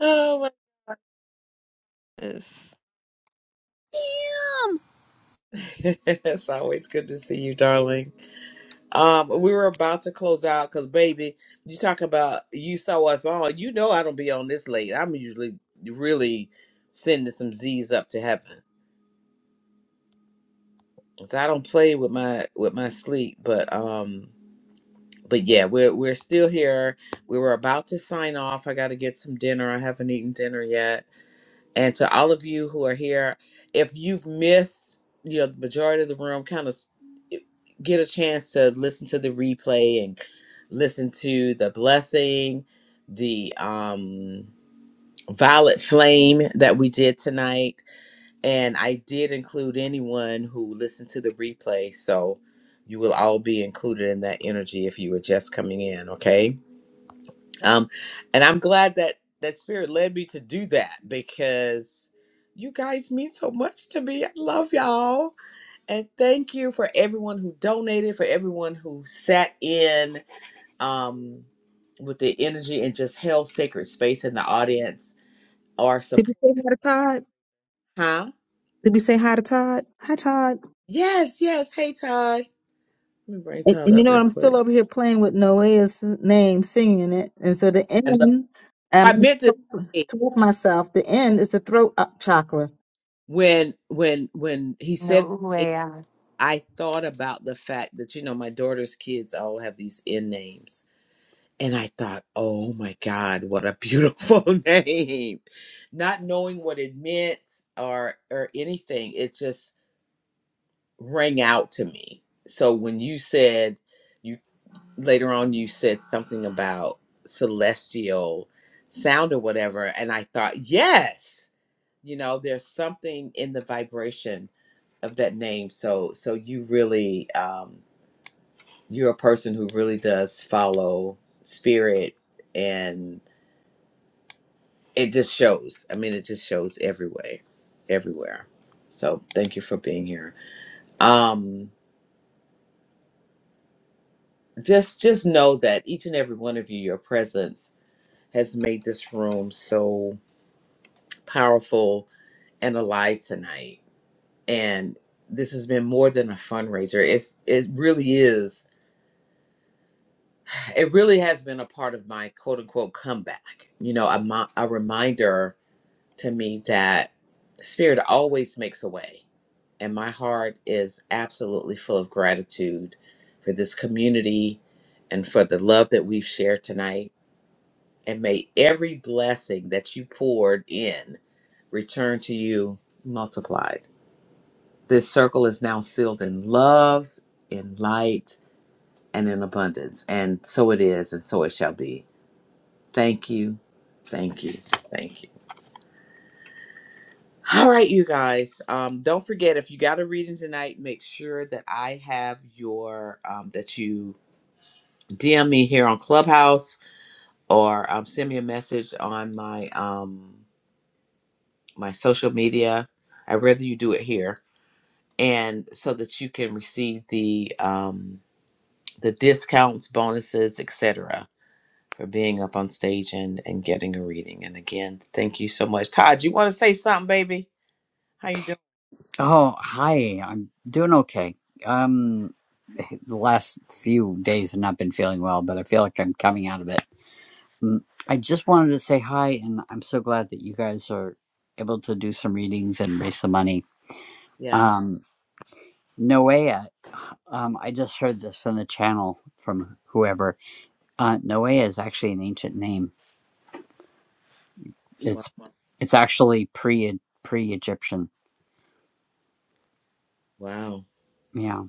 oh my God. it's always good to see you, darling. Um, we were about to close out because, baby, you talk about you saw us on. You know I don't be on this late. I'm usually really sending some Z's up to heaven. So I don't play with my with my sleep, but um but yeah, we're we're still here. We were about to sign off. I got to get some dinner. I haven't eaten dinner yet. And to all of you who are here, if you've missed, you know, the majority of the room, kind of get a chance to listen to the replay and listen to the blessing, the um violet flame that we did tonight and I did include anyone who listened to the replay. So you will all be included in that energy if you were just coming in, okay? Um, and I'm glad that that spirit led me to do that because you guys mean so much to me. I love y'all. And thank you for everyone who donated, for everyone who sat in um, with the energy and just held sacred space in the audience or support. Did we say hi to Todd? Huh? Did we say hi to Todd? Hi, Todd. Yes, yes. Hey, Todd. Let me bring And, Todd and up you know real what? I'm still quick. over here playing with Noah's name, singing it. And so the I love. oh, end, I'm I meant to say correct myself. The end is the throat uh, chakra. when when when he said No the name, way. I thought about the fact that you know my daughter's kids all have these end names, and I thought, oh my God, what a beautiful name! Not knowing what it meant or or anything, it just rang out to me. So when you said you later on, you said something about celestial sound or whatever, and I thought, yes you know there's something in the vibration of that name so so you really um you're a person who really does follow spirit and it just shows i mean it just shows every way everywhere so thank you for being here um just just know that each and every one of you your presence has made this room so powerful and alive tonight and this has been more than a fundraiser it's it really is it really has been a part of my quote unquote comeback. You know, a, mo- a reminder to me that spirit always makes a way. And my heart is absolutely full of gratitude for this community and for the love that we've shared tonight. And may every blessing that you poured in return to you multiplied. This circle is now sealed in love, in light, and in abundance. And so it is, and so it shall be. Thank you. Thank you. Thank you. All right, you guys. Um, don't forget if you got a reading tonight, make sure that I have your um, that you DM me here on Clubhouse or um, send me a message on my um, my social media. I'd rather you do it here, and so that you can receive the um, the discounts, bonuses, etc. For being up on stage and and getting a reading. And again, thank you so much, Todd. You want to say something, baby? How you doing? Oh, hi. I'm doing okay. Um, the last few days have not been feeling well, but I feel like I'm coming out of it. Mm, I just wanted to say hi, and I'm so glad that you guys are able to do some readings and raise some money. Yeah. Um, Noea, um, I just heard this on the channel from whoever. Uh, Noea is actually an ancient name. Wow. It's it's actually pre pre Egyptian. Wow. Yeah,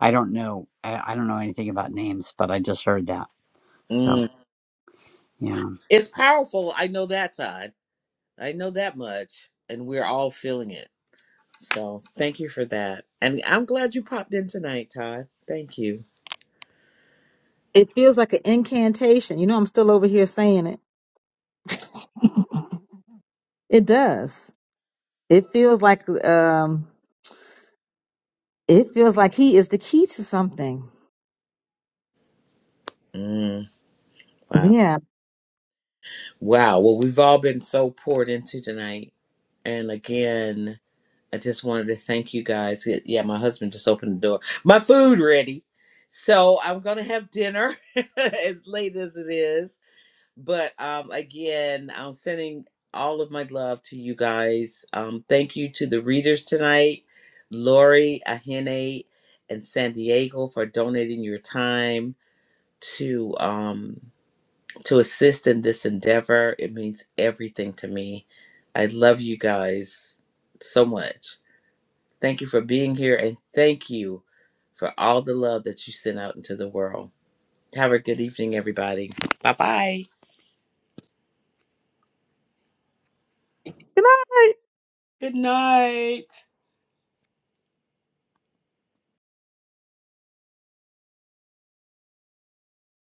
I don't know. I, I don't know anything about names, but I just heard that. So Mm. yeah. It's powerful. I know that, Todd. I know that much. And we're all feeling it. So thank you for that. And I'm glad you popped in tonight, Todd. Thank you. It feels like an incantation. You know, I'm still over here saying it. It does. It feels like um It feels like he is the key to something. Mm. Wow. Yeah. Wow. Well, we've all been so poured into tonight. And again, I just wanted to thank you guys. Yeah, my husband just opened the door. My food ready. So I'm gonna have dinner as late as it is but um, again, I'm sending all of my love to you guys. Um, thank you to the readers tonight, Lori, Ahene, and San Diego for donating your time to um, to assist in this endeavor. It means everything to me. I love you guys so much. Thank you for being here, and thank you for all the love that you send out into the world. Have a good evening, everybody. Bye bye. Good night. Good night.